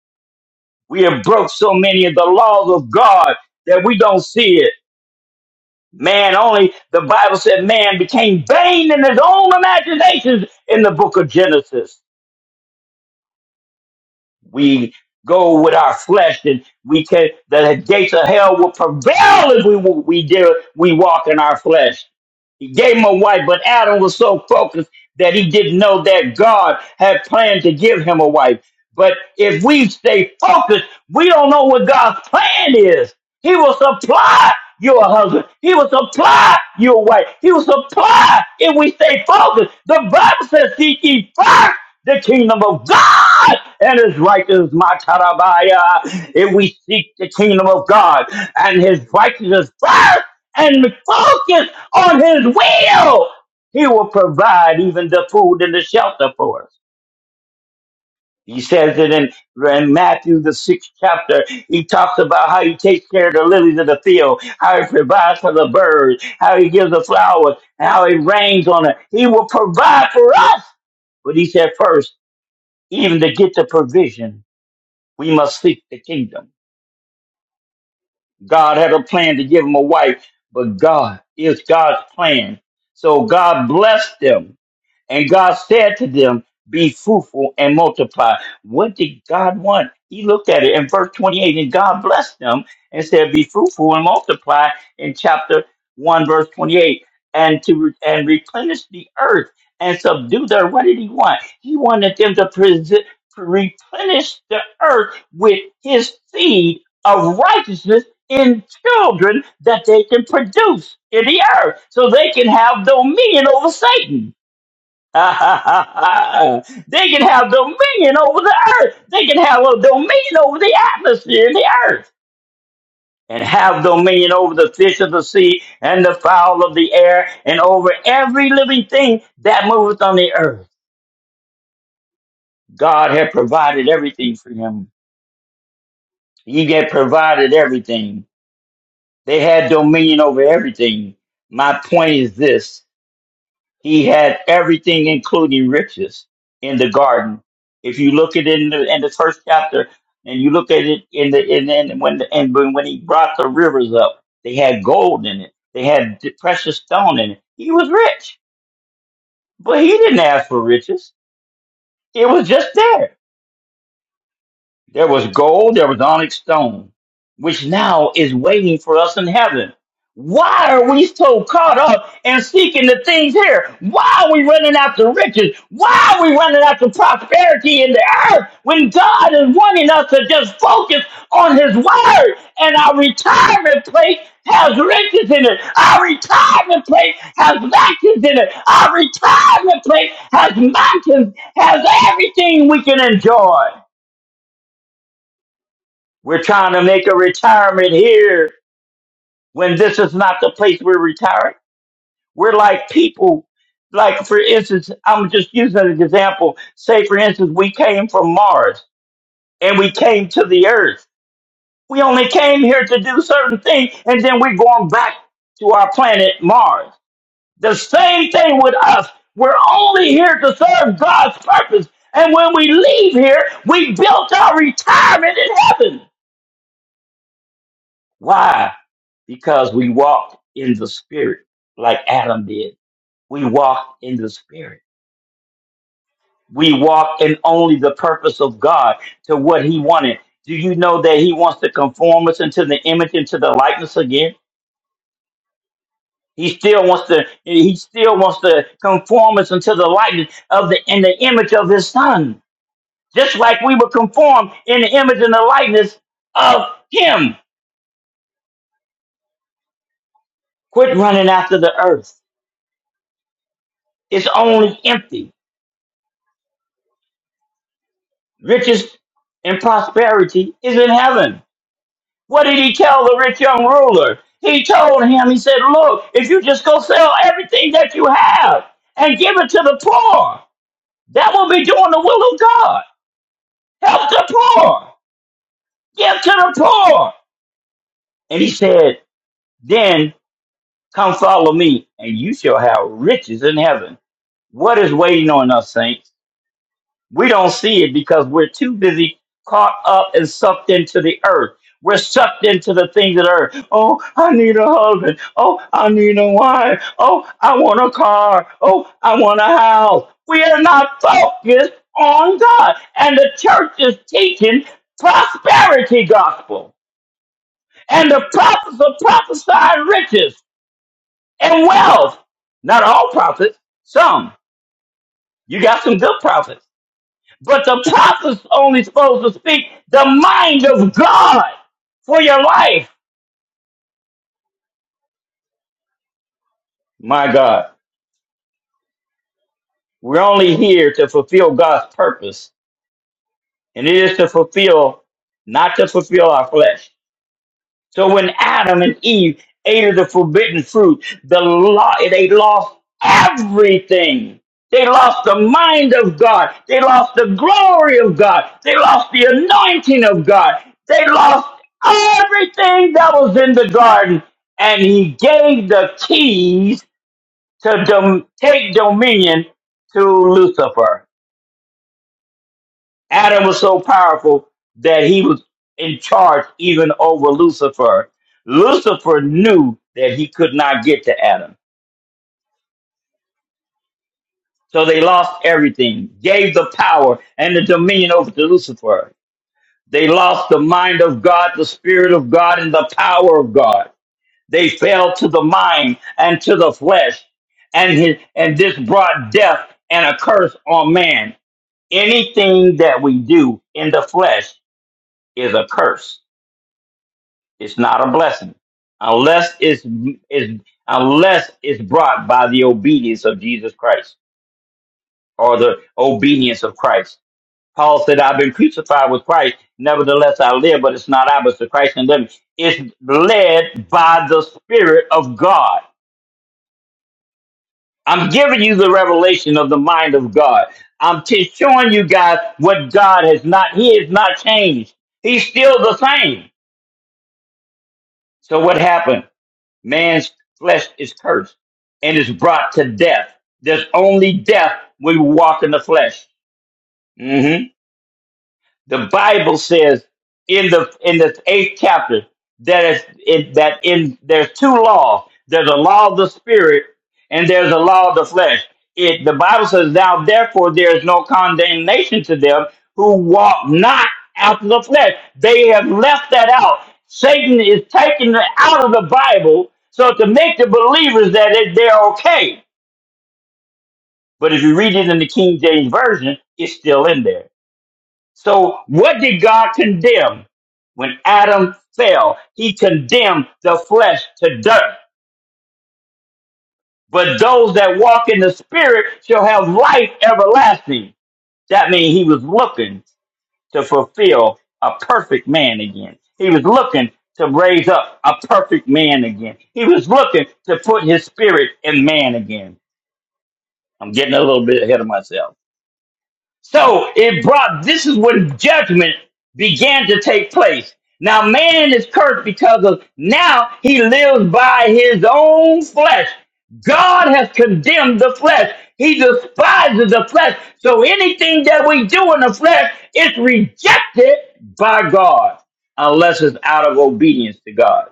We have broke so many of the laws of God that we don't see it. Man only, the Bible said man became vain in his own imaginations in the book of Genesis. We go with our flesh and we can, the gates of hell will prevail if we, we, dare, we walk in our flesh. He gave him a wife, but Adam was so focused that he didn't know that God had planned to give him a wife. But if we stay focused, we don't know what God's plan is. He will supply you a husband. He will supply you a wife. He will supply if we stay focused. The Bible says, seek ye first the kingdom of God and his righteousness, my tarabaya. If we seek the kingdom of God and his righteousness first, and focus on his will, he will provide even the food and the shelter for us. He says it in, in Matthew, the sixth chapter. He talks about how he takes care of the lilies of the field, how he provides for the birds, how he gives the flowers, and how he rains on it. He will provide for us. But he said first, even to get the provision, we must seek the kingdom. God had a plan to give him a wife, but God is God's plan. So God blessed them And God said to them, Be fruitful and multiply. What did God want? He looked at it in verse 28, and God blessed them and said, Be fruitful and multiply in chapter 1, verse 28, and to re- and replenish the earth and subdue the earth. What did he want? He wanted them to presi- to replenish the earth with his seed of righteousness in children that they can produce in the earth so they can have dominion over Satan they can have dominion over the earth. They can have a dominion over the atmosphere and the earth. And have dominion over the fish of the sea and the fowl of the air and over every living thing that moveth on the earth. God had provided everything for him. He had provided everything. They had dominion over everything. My point is this. He had everything, including riches, in the garden. If you look at it in the, in the first chapter, and you look at it in the in, in when the, and when when he brought the rivers up, they had gold in it. They had d- precious stone in it. He was rich, but he didn't ask for riches. It was just there There was gold, there was onyx stone, which now is waiting for us in heaven. Why are we so caught up and seeking the things here? Why are we running after riches? Why are we running after prosperity in the earth when God is wanting us to just focus on His Word? And our retirement place has riches in it. Our retirement place has vacuums in it. Our retirement place has mountains, has everything we can enjoy. We're trying to make a retirement here when this is not the place we're retiring. We're like people. Like, for instance, I'm just using an example. Say, for instance, we came from Mars and we came to the Earth. We only came here to do certain things and then we're going back to our planet Mars. The same thing with us. We're only here to serve God's purpose. And when we leave here, we built our retirement in heaven. Why? Because we walked in the spirit like Adam did. We walked in the spirit. We walk in only the purpose of God to what he wanted. Do you know that he wants to conform us into the image, into the likeness again? He still wants to he still wants to conform us into the likeness of the in the image of his son. Just like we were conformed in the image and the likeness of him. Quit running after the earth. It's only empty. riches and prosperity is in heaven. What did he tell the rich young ruler? He told him, he said, Look, if you just go sell everything that you have and give it to the poor, that will be doing the will of God. Help the poor, give to the poor. And he said, Then come follow me, and you shall have riches in heaven. What is waiting on us, saints? We don't see it because we're too busy caught up and sucked into the earth. We're sucked into the things of the earth. Oh, I need a husband. Oh, I need a wife. Oh, I want a car. Oh, I want a house. We are not focused on God. And the church is teaching prosperity gospel. And the prophets are prophesying riches and wealth. Not all prophets, some. You got some good prophets. But the apostle's only supposed to speak the mind of God for your life. My God, we're only here to fulfill God's purpose, and it is to fulfill, not to fulfill our flesh. So when Adam and Eve ate of the forbidden fruit, the law they lost everything. They lost the mind of God. They lost the glory of God. They lost the anointing of God. They lost everything that was in the garden. And he gave the keys to dom- take dominion to Lucifer. Adam was so powerful that he was in charge even over Lucifer. Lucifer knew that he could not get to Adam. So they lost everything, gave the power and the dominion over to Lucifer. They lost the mind of God, the spirit of God, and the power of God. They fell to the mind and to the flesh. And, his, and this brought death and a curse on man. Anything that we do in the flesh is a curse It's not a blessing unless it's is unless it's brought by the obedience of Jesus Christ or the obedience of Christ. Paul said, "I've been crucified with Christ; nevertheless I live, but it's not I, but it's the Christ in living." It's led by the Spirit of God. I'm giving you the revelation of the mind of God. I'm t- showing you guys what God has not. He has not changed. He's still the same. So what happened? Man's flesh is cursed and is brought to death. There's only death when we walk in the flesh. Mm-hmm the Bible says in the in the eighth chapter that is it, that in there's two laws. There's a law of the spirit and there's a law of the flesh. It the Bible says now therefore there is no condemnation to them who walk not after the flesh. They have left that out. Satan is taking it out of the Bible so to make the believers that it, they're okay. But if you read it in the King James version, it's still in there. So, what did God condemn when Adam fell? He condemned the flesh to dirt. But those that walk in the Spirit shall have life everlasting. That means he was looking to fulfill a perfect man again. He was looking to raise up a perfect man again. He was looking to put his spirit in man again. I'm getting a little bit ahead of myself. So it brought, this is when judgment began to take place. Now man is cursed because of, now he lives by his own flesh. God has condemned the flesh. He despises the flesh. So anything that we do in the flesh is rejected by God unless it's out of obedience to God.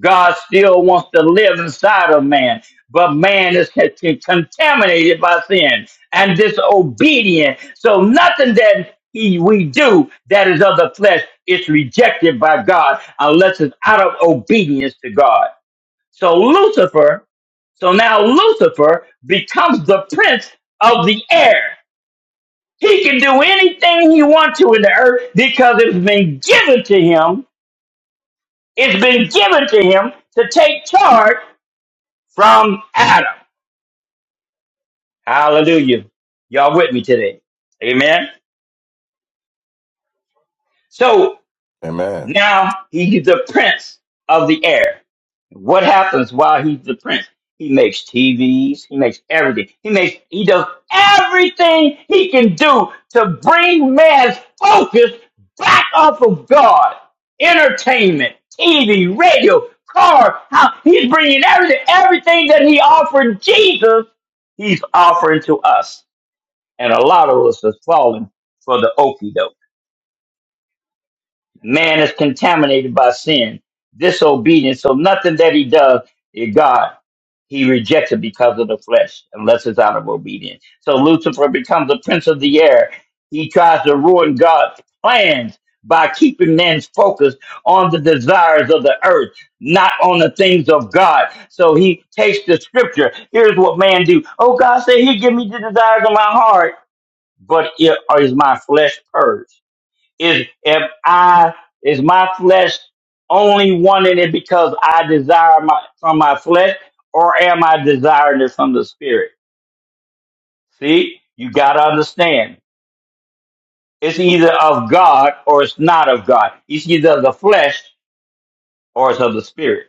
God still wants to live inside of man, but man is con- con- contaminated by sin and disobedient. So nothing that he, we do that is of the flesh is rejected by God unless it's out of obedience to God. So Lucifer, so now Lucifer becomes the prince of the air. He can do anything he wants to in the earth because it's been given to him. It's been given to him to take charge from Adam. Hallelujah. Y'all with me today. Amen. So Amen. now he's the prince of the air. What happens while he's the prince? He makes TVs. He makes everything. He makes, he does everything he can do to bring man's focus back off of God. Entertainment, TV, radio, car, how he's bringing everything, everything that he offered Jesus, he's offering to us. and a lot of us has fallen for the okey doke. Man is contaminated by sin, disobedience, so nothing that he does is God. He rejects it because of the flesh, unless it's out of obedience. So Lucifer becomes the prince of the air. He tries to ruin God's plans by keeping man's focus on the desires of the earth, not on the things of God. So he takes the scripture. Here's what man do. Oh, God said he give me the desires of my heart but it, or is my flesh purged? Is if I is my flesh only wanting it because I desire my from my flesh, or am I desiring it from the spirit? See, you gotta understand. It's either of God or it's not of God. It's either of the flesh or it's of the spirit.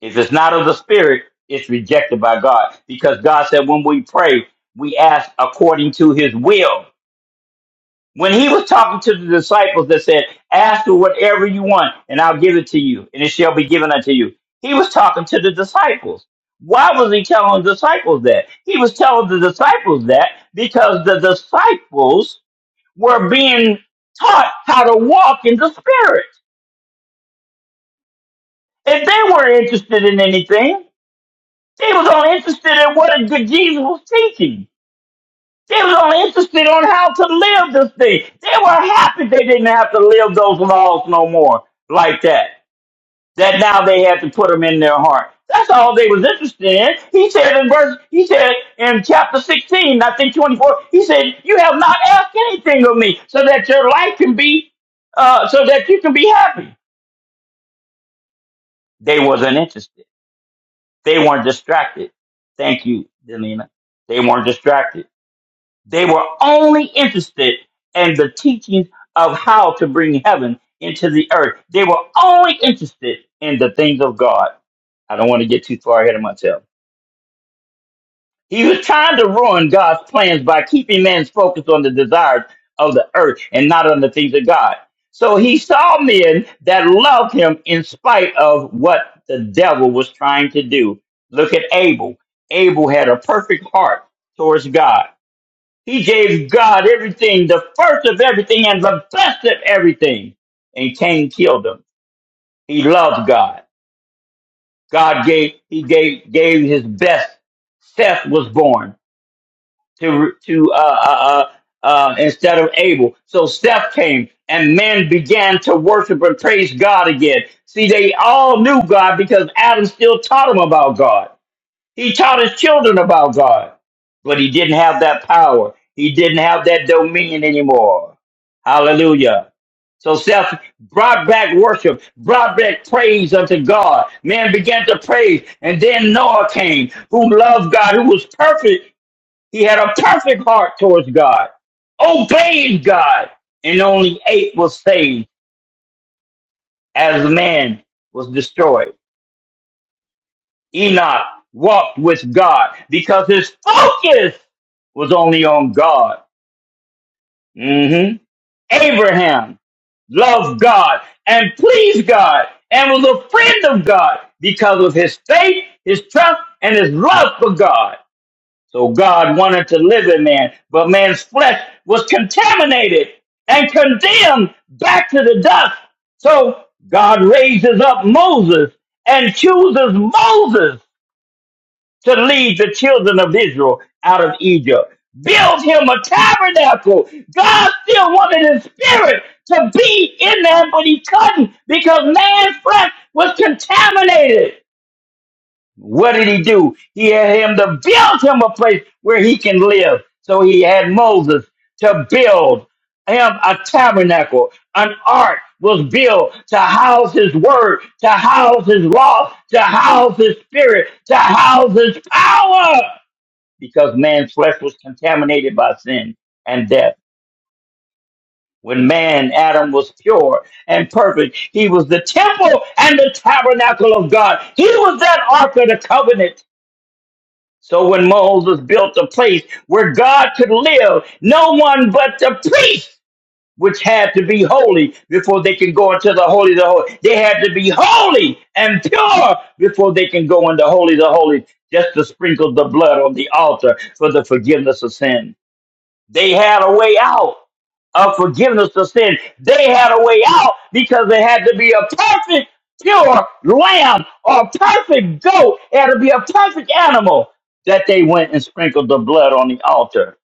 If it's not of the spirit, it's rejected by God. Because God said when we pray, we ask according to his will When he was talking to the disciples that said, Ask for whatever you want, and I'll give it to you, and it shall be given unto you. He was talking to the disciples. Why was he telling the disciples that? He was telling the disciples that because the disciples were being taught how to walk in the spirit. If they weren't interested in anything, they was only interested in what Jesus was teaching. They was only interested on how to live this thing. They were happy they didn't have to live those laws no more like that. That now they had to put them in their heart. That's all they was interested in. He said in verse, he said in chapter 16, I think 24, he said, you have not asked anything of me so that your life can be, uh, so that you can be happy. They wasn't interested. They weren't distracted. Thank you, Delina. They weren't distracted They were only interested in the teachings of how to bring heaven into the earth. They were only interested in the things of God. I don't want to get too far ahead of myself. He was trying to ruin God's plans by keeping man's focus on the desires of the earth and not on the things of God. So he saw men that loved him in spite of what the devil was trying to do. Look at Abel. Abel had a perfect heart towards God he gave God everything, the first of everything and the best of everything. And Cain killed him. He loved God. God gave, he gave, gave his best. Seth was born to, to, uh, uh, uh, uh, instead of Abel. So Seth came and men began to worship and praise God again. See, they all knew God because Adam still taught them about God. He taught his children about God, but he didn't have that power. He didn't have that dominion anymore. Hallelujah. So self brought back worship, brought back praise unto God. Man began to praise, and then Noah came, who loved God, who was perfect. He had a perfect heart towards God, obeyed God, and only eight was saved as man was destroyed. Enoch walked with God because his focus was only on God. hmm Abraham loved God and pleased God and was a friend of God because of his faith, his trust, and his love for God. So God wanted to live in man, but man's flesh was contaminated and condemned back to the dust. So God raises up Moses and chooses Moses to lead the children of Israel out of Egypt. Build him a tabernacle. God still wanted his spirit to be in there, but he couldn't because man's flesh was contaminated. What did he do? He had him to build him a place where he can live. So he had Moses to build him a tabernacle, an ark was built to house his word, to house his law, to house his spirit, to house his power. Because man's flesh was contaminated by sin and death. When man, Adam, was pure and perfect, he was the temple and the tabernacle of God. He was that ark of the covenant so when Moses built a place where God could live, no one but the priest, which had to be holy before they can go into the holy of the holy. They had to be holy and pure before they can go into holy of the holy, just to sprinkle the blood on the altar for the forgiveness of sin. They had a way out of forgiveness of sin. They had a way out because there had to be a perfect, pure lamb or a perfect goat. It had to be a perfect animal that they went and sprinkled the blood on the altar.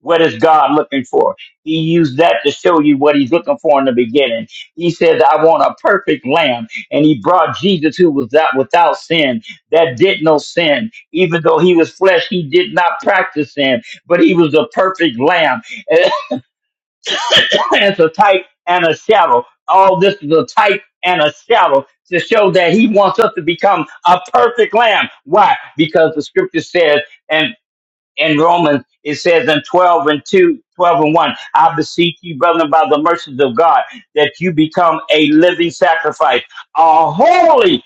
What is God looking for? He used that to show you what he's looking for in the beginning. He said, I want a perfect lamb. And he brought Jesus who was that without sin, that did no sin. Even though he was flesh, he did not practice sin, but he was a perfect lamb. it's a type and a shadow. All this is a type and a shadow to show that he wants us to become a perfect lamb. Why? Because the scripture says, and in Romans, it says in 12 and 2, 12 and 1, I beseech you, brethren, by the mercies of God, that you become a living sacrifice, a holy,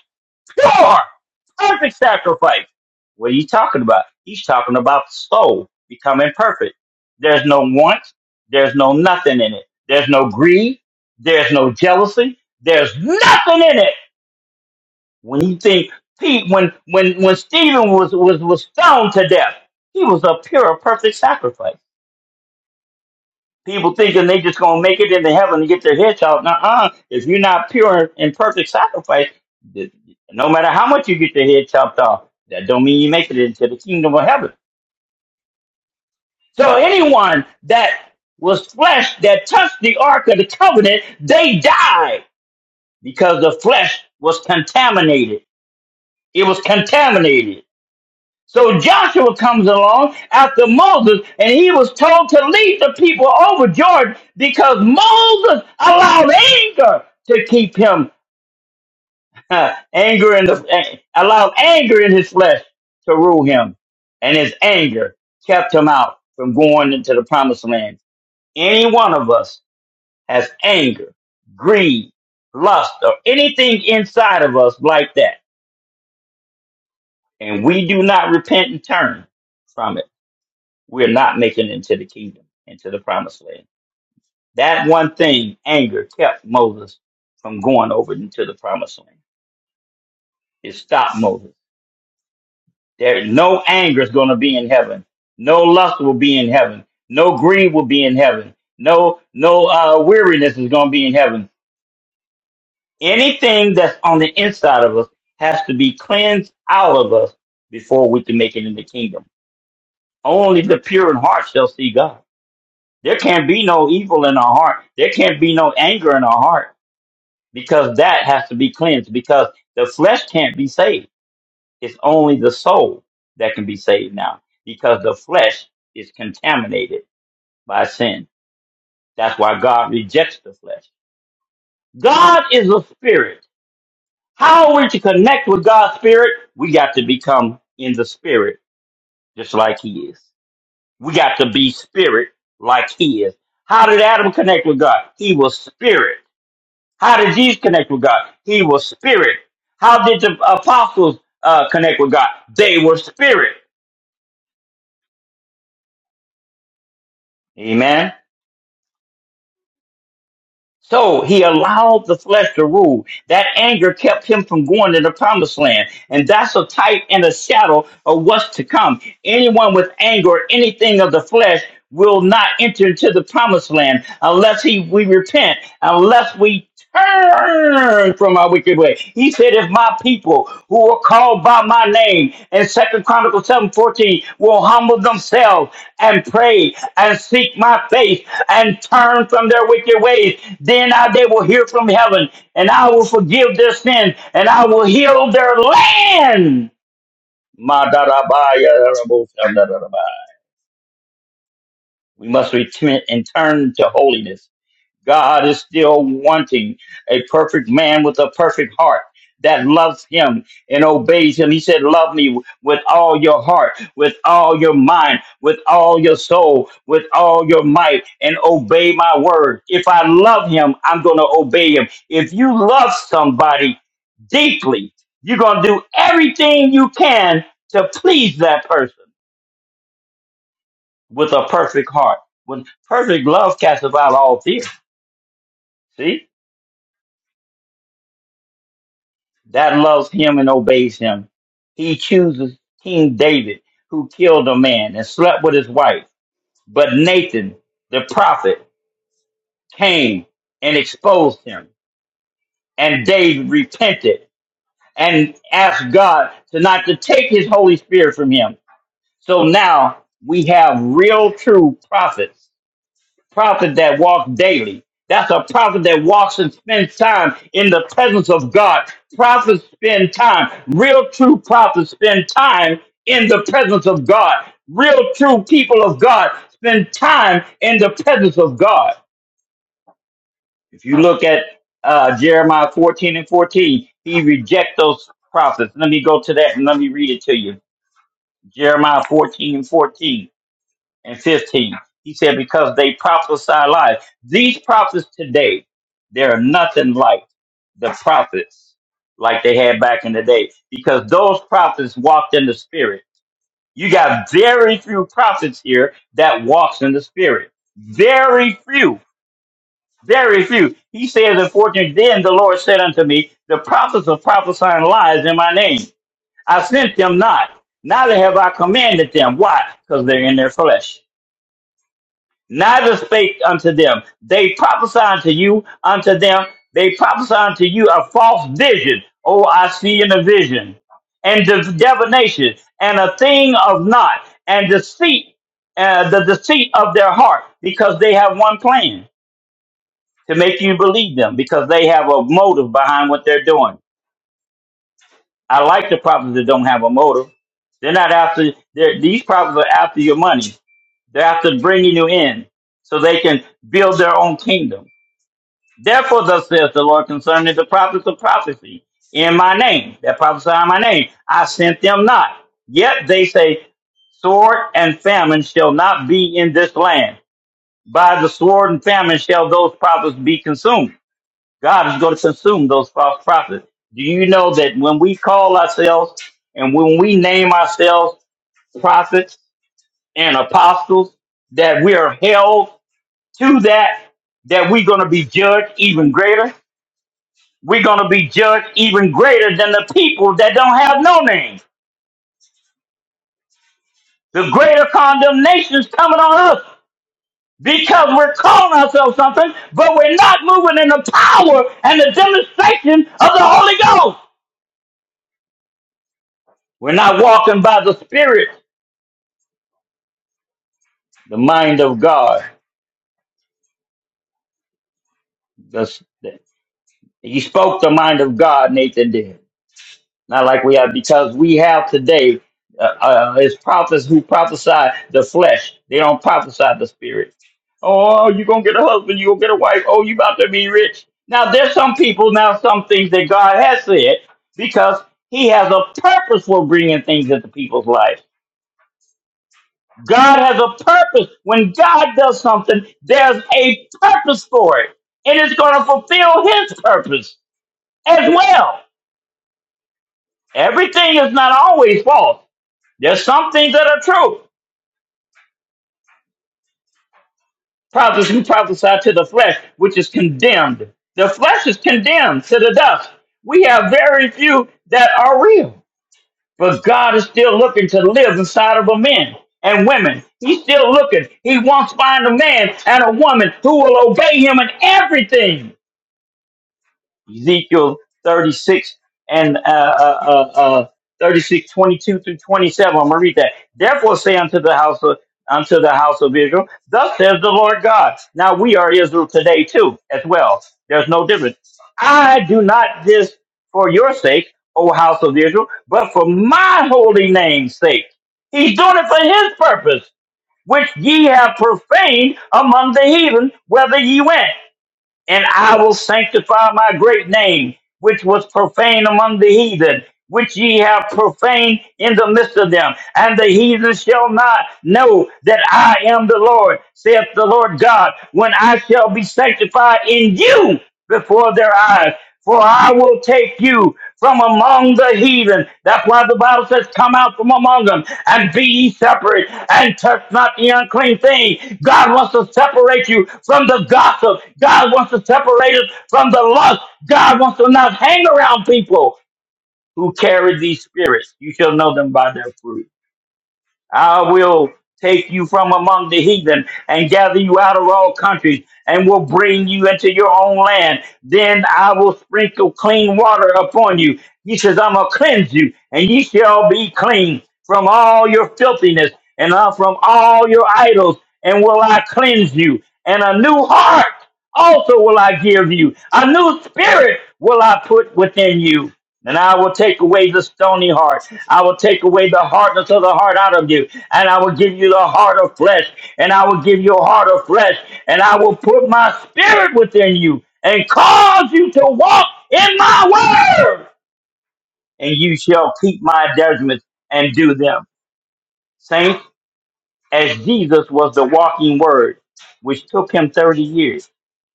pure, perfect sacrifice. What are you talking about? He's talking about the soul becoming perfect. There's no want, there's no nothing in it. There's no greed, there's no jealousy, there's nothing in it when you think Pete, when when when Stephen was was was stoned to death, he was a pure, perfect sacrifice. People thinking they just gonna make it into heaven and get their head chopped. Nuh-uh. If you're not pure and perfect sacrifice, th- no matter how much you get your head chopped off, that don't mean you make it into the kingdom of heaven. So anyone that was flesh that touched the ark of the covenant, they died because the flesh was contaminated. It was contaminated So Joshua comes along after Moses, and he was told to lead the people over Jordan because Moses allowed anger to keep him uh, anger in the eh, allowed anger in his flesh to rule him, and his anger kept him out from going into the promised land. Any one of us has anger, greed, lust, or anything inside of us like that, and we do not repent and turn from it We're not making it into the kingdom, into the promised land. That one thing, anger, kept Moses from going over into the promised land. It stopped Moses. There, no anger is going to be in heaven. No lust will be in heaven. No greed will be in heaven. No, no uh, weariness is going to be in heaven. Anything that's on the inside of us has to be cleansed out of us before we can make it in the kingdom. Only the pure in heart shall see God. There can't be no evil in our heart. There can't be no anger in our heart because that has to be cleansed because the flesh can't be saved. It's only the soul that can be saved now because the flesh is contaminated by sin. That's why God rejects the flesh. God is a spirit. How are we to connect with God's spirit? We got to become in the spirit just like he is. We got to be spirit like he is. How did Adam connect with God? He was spirit. How did Jesus connect with God? He was spirit. How did the apostles uh, connect with God? They were spirit. Amen. So he allowed the flesh to rule. That anger kept him from going to the promised land. And that's a type and a shadow of what's to come. Anyone with anger or anything of the flesh will not enter into the promised land unless he we repent, unless we turn from our wicked way. He said, if my people who are called by my name in Second Chronicles seven fourteen will humble themselves and pray and seek my face and turn from their wicked ways, then I, they will hear from heaven, and I will forgive their sin, and I will heal their land. Ma da da ba ya da da bo- da da da da ba. We must repent and turn to holiness God is still wanting a perfect man with a perfect heart that loves him and obeys him. He said, Love me with all your heart, with all your mind, with all your soul, with all your might, and obey my word. If I love him, I'm going to obey him. If you love somebody deeply, you're going to do everything you can to please that person with a perfect heart. When perfect love casts out all fear. See? that loves him and obeys him. He chooses King David, who killed a man and slept with his wife. But Nathan, the prophet, came and exposed him. And David repented and asked God to not to take his Holy Spirit from him. So now we have real true prophets prophet that walks daily. That's a prophet that walks and spends time in the presence of God. Prophets spend time. Real true prophets spend time in the presence of God. Real true people of God spend time in the presence of God. If you look at uh, Jeremiah 14 and 14, he rejects those prophets. Let me go to that and let me read it to you. Jeremiah 14 and 14 and 15. He said, Because they prophesy lies. These prophets today, they are nothing like the prophets like they had back in the day because those prophets walked in the spirit. You got very few prophets here that walks in the spirit. Very few. Very few. He says in 14, Then the Lord said unto me, The prophets are prophesying lies in my name. I sent them not. Neither have I commanded them. Why? Because they're in their flesh neither spake unto them. They prophesy unto you, unto them. They prophesy unto you a false vision. Oh, I see in a vision, and de- divination, and a thing of not, and deceit, uh, the deceit of their heart, because they have one plan to make you believe them, because they have a motive behind what they're doing. I like the prophets that don't have a motive. They're not after. They're, these prophets are after your money. They're after bringing you in so they can build their own kingdom Therefore, thus saith the Lord concerning the prophets of prophecy in my name, that prophesy in my name, I sent them not. Yet they say, sword and famine shall not be in this land. By the sword and famine shall those prophets be consumed. God is going to consume those false prophets. Do you know that when we call ourselves and when we name ourselves prophets and apostles, that we are held to that, that we're going to be judged even greater? we're going to be judged even greater than the people that don't have no name. The greater condemnation is coming on us because we're calling ourselves something, but we're not moving in the power and the demonstration of the Holy Ghost. We're not walking by the Spirit, the mind of God. That's- he spoke the mind of God, Nathan did. not like we have because we have today uh, uh, is prophets who prophesy the flesh. They don't prophesy the spirit. Oh, you gonna get a husband? You gonna get a wife? Oh, you about to be rich? Now there's some people now some things that God has said because He has a purpose for bringing things into people's lives. God has a purpose. When God does something, there's a purpose for it, and it's going to fulfill His purpose as well. Everything is not always false. There's some things that are true. Prophets who prophesy to the flesh, which is condemned. The flesh is condemned to the dust. We have very few that are real. But God is still looking to live inside of a man and women. He's still looking. He wants to find a man and a woman who will obey him in everything. Ezekiel 36 and uh, uh, uh, uh, 36, twenty-two through 27. I'm going to read that. Therefore say unto the house of unto the house of Israel, thus says the Lord God. Now we are Israel today too, as well. There's no difference. I do not this for your sake, O house of Israel, but for my holy name's sake. He's doing it for his purpose, which ye have profaned among the heathen, whether ye went and I will sanctify my great name, which was profaned among the heathen, which ye have profaned in the midst of them. And the heathen shall not know that I am the Lord, saith the Lord God, when I shall be sanctified in you before their eyes for I will take you from among the heathen. That's why the Bible says, Come out from among them and be ye separate and touch not the unclean thing. God wants to separate you from the gossip. God wants to separate us from the lust. God wants to not hang around people who carry these spirits. You shall know them by their fruit. I will take you from among the heathen and gather you out of all countries and will bring you into your own land. Then I will sprinkle clean water upon you. He says, I'm going to cleanse you, and ye shall be clean from all your filthiness and uh, from all your idols, and will I cleanse you. And a new heart also will I give you, a new spirit will I put within you and I will take away the stony heart. I will take away the hardness of the heart out of you. And I will give you the heart of flesh. And I will give you a heart of flesh. And I will put my spirit within you and cause you to walk in my word. And you shall keep my judgments and do them. Saints, as Jesus was the walking word, which took him 30 years,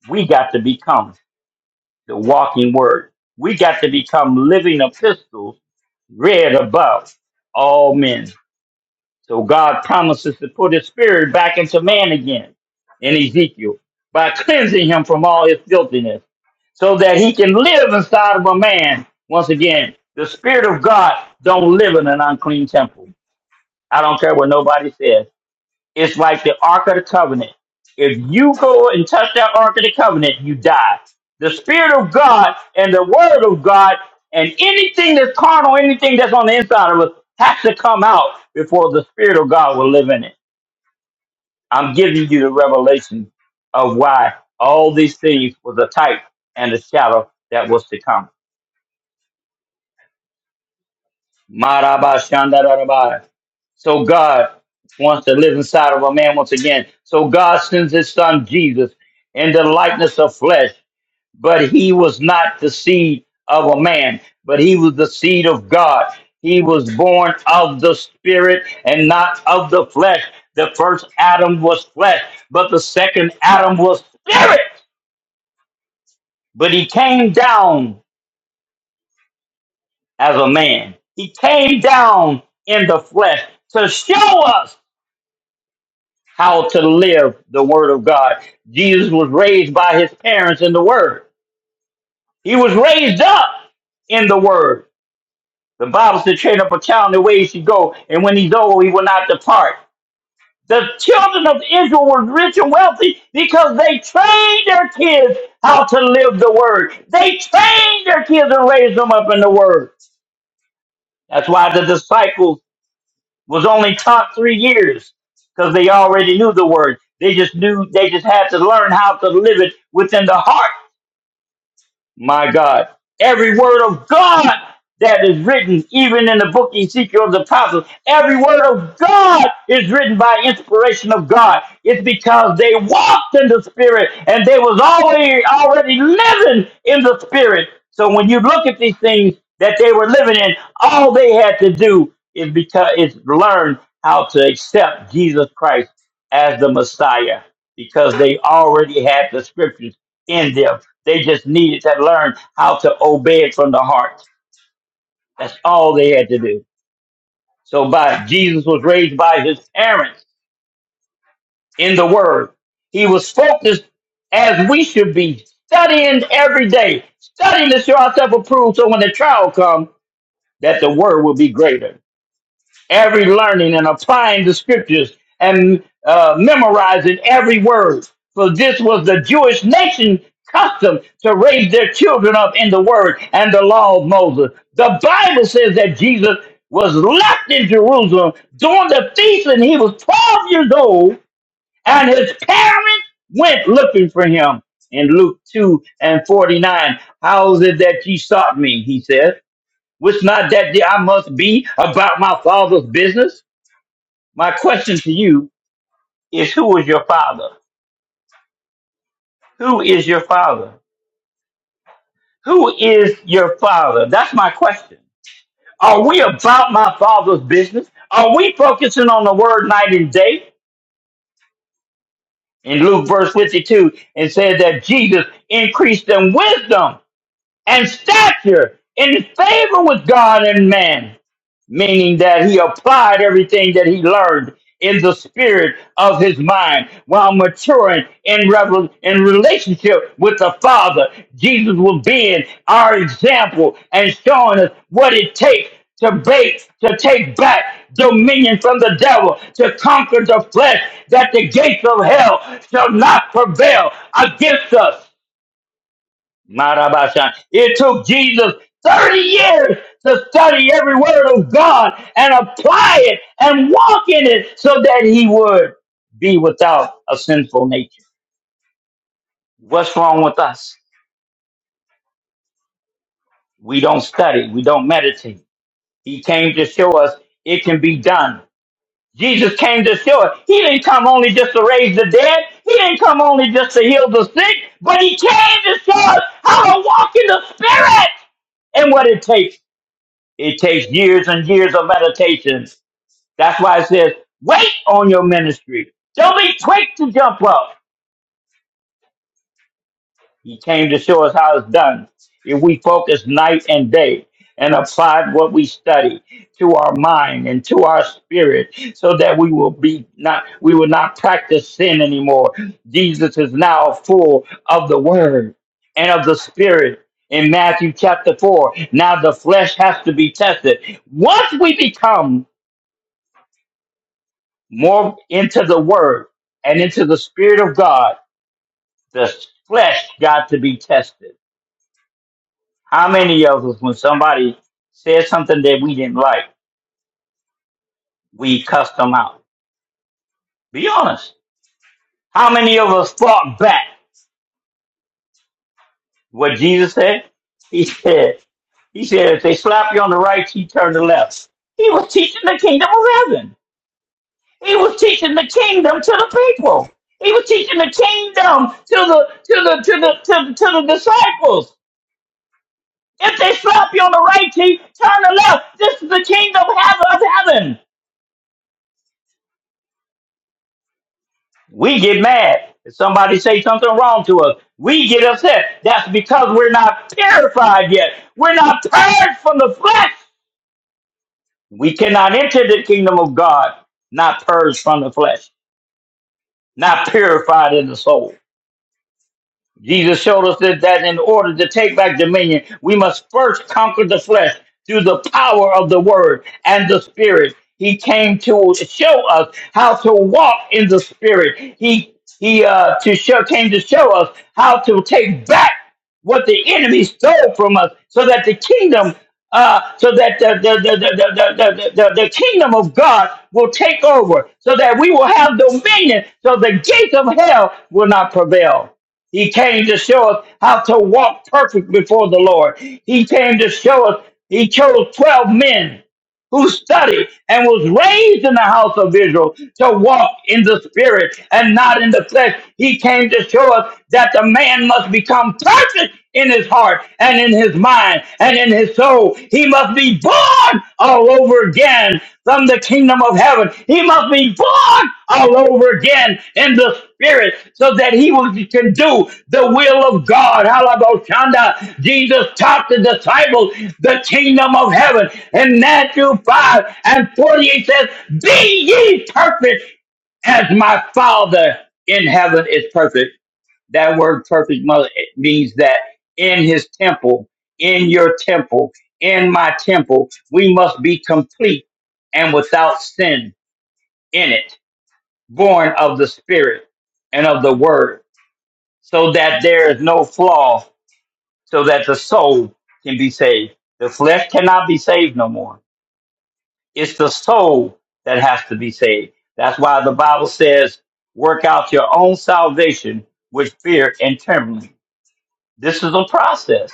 we got to become the walking word. We got to become living epistles read above all men. So God promises to put his spirit back into man again in Ezekiel by cleansing him from all his filthiness so that he can live inside of a man. Once again, the spirit of God don't live in an unclean temple. I don't care what nobody says. It's like the Ark of the Covenant. If you go and touch that Ark of the Covenant, you die. The Spirit of God and the Word of God and anything that's carnal, anything that's on the inside of us, has to come out before the Spirit of God will live in it. I'm giving you the revelation of why all these things was a type and a shadow that was to come. Maraba shandaraba. So God wants to live inside of a man once again. So God sends his son Jesus in the likeness of flesh, but he was not the seed of a man, but he was the seed of God. He was born of the spirit and not of the flesh. The first Adam was flesh, but the second Adam was spirit. But he came down as a man. He came down in the flesh to show us how to live the word of God. Jesus was raised by his parents in the word. He was raised up in the word. The Bible said, train up a child in the way he should go, and when he's old, he will not depart. The children of Israel were rich and wealthy because they trained their kids how to live the word. They trained their kids and raised them up in the word. That's why the disciples was only taught three years because they already knew the word. They just knew they just had to learn how to live it within the heart my God. Every word of God that is written, even in the book Ezekiel of the Apostles, every word of God is written by inspiration of God. It's because they walked in the Spirit and they was already already living in the Spirit. So when you look at these things that they were living in, all they had to do is because is learn how to accept Jesus Christ as the Messiah because they already had the scriptures in them they just needed to learn how to obey it from the heart. That's all they had to do. So by Jesus was raised by his parents in the word. He was focused as we should be studying every day, studying to show ourselves approved. So when the trial comes, that the word will be greater. every learning and applying the scriptures and uh, memorizing every word. For this was the Jewish nation custom to raise their children up in the word and the law of Moses. The Bible says that Jesus was left in Jerusalem during the feast and he was 12 years old and his parents went looking for him. In Luke 2 and 49, how is it that ye sought me? He said, was not that I must be about my father's business? My question to you is who is your father? Who is your father? Who is your father? That's my question. Are we about my father's business? Are we focusing on the word night and day? In Luke verse 52, and said that Jesus increased in wisdom and stature in favor with God and man. meaning that he applied everything that he learned in the spirit of his mind while maturing in, revel- in relationship with the Father. Jesus was being our example and showing us what it takes to bake, to take back dominion from the devil, to conquer the flesh, that the gates of hell shall not prevail against us. Marabashan. It took Jesus 30 years to study every word of God and apply it and walk in it so that he would be without a sinful nature. What's wrong with us? We don't study, we don't meditate. He came to show us it can be done. Jesus came to show us. He didn't come only just to raise the dead. He didn't come only just to heal the sick, but he came to show us how to walk in the spirit and what it takes It takes years and years of meditations. That's why it says, wait on your ministry. Don't be quick to jump up. He came to show us how it's done. If we focus night and day and apply what we study to our mind and to our spirit so that we will be not we will not practice sin anymore. Jesus is now full of the word and of the spirit in Matthew chapter 4. Now the flesh has to be tested. Once we become more into the word and into the spirit of God, the flesh got to be tested. How many of us, when somebody said something that we didn't like, we cussed them out? Be honest. How many of us fought back what Jesus said? He said, He said, if they slap you on the right cheek, turn to the left. He was teaching the kingdom of heaven. He was teaching the kingdom to the people. He was teaching the kingdom to the to the to the to the, to the disciples. If they slap you on the right cheek, turn the left. This is the kingdom of heaven. We get mad if somebody say something wrong to us. We get upset. That's because we're not purified yet. We're not purged from the flesh. We cannot enter the kingdom of God not purged from the flesh, not purified in the soul. Jesus showed us that, that in order to take back dominion, we must first conquer the flesh through the power of the word and the spirit. He came to show us how to walk in the spirit. He he uh, to show came to show us how to take back what the enemy stole from us, so that the kingdom, uh, so that the the, the, the, the, the, the the kingdom of God will take over, so that we will have dominion, so the gates of hell will not prevail. He came to show us how to walk perfect before the Lord. He came to show us, he chose 12 men who studied and was raised in the house of Israel to walk in the spirit and not in the flesh. He came to show us that the man must become perfect in his heart and in his mind and in his soul. He must be born all over again from the kingdom kingdom of heaven. He must be born all over again in the spirit so that he will- can do the will of God. Halaboshanda. Jesus taught the disciples the kingdom of heaven. In Matthew 5 and 48 says, Be ye perfect as my Father in heaven is perfect. That word perfect mother means that in his temple, in your temple, in my temple, we must be complete and without sin in it, born of the spirit and of the word, so that there is no flaw, so that the soul can be saved. The flesh cannot be saved no more. It's the soul that has to be saved. That's why the Bible says, work out your own salvation with fear and trembling This is a process.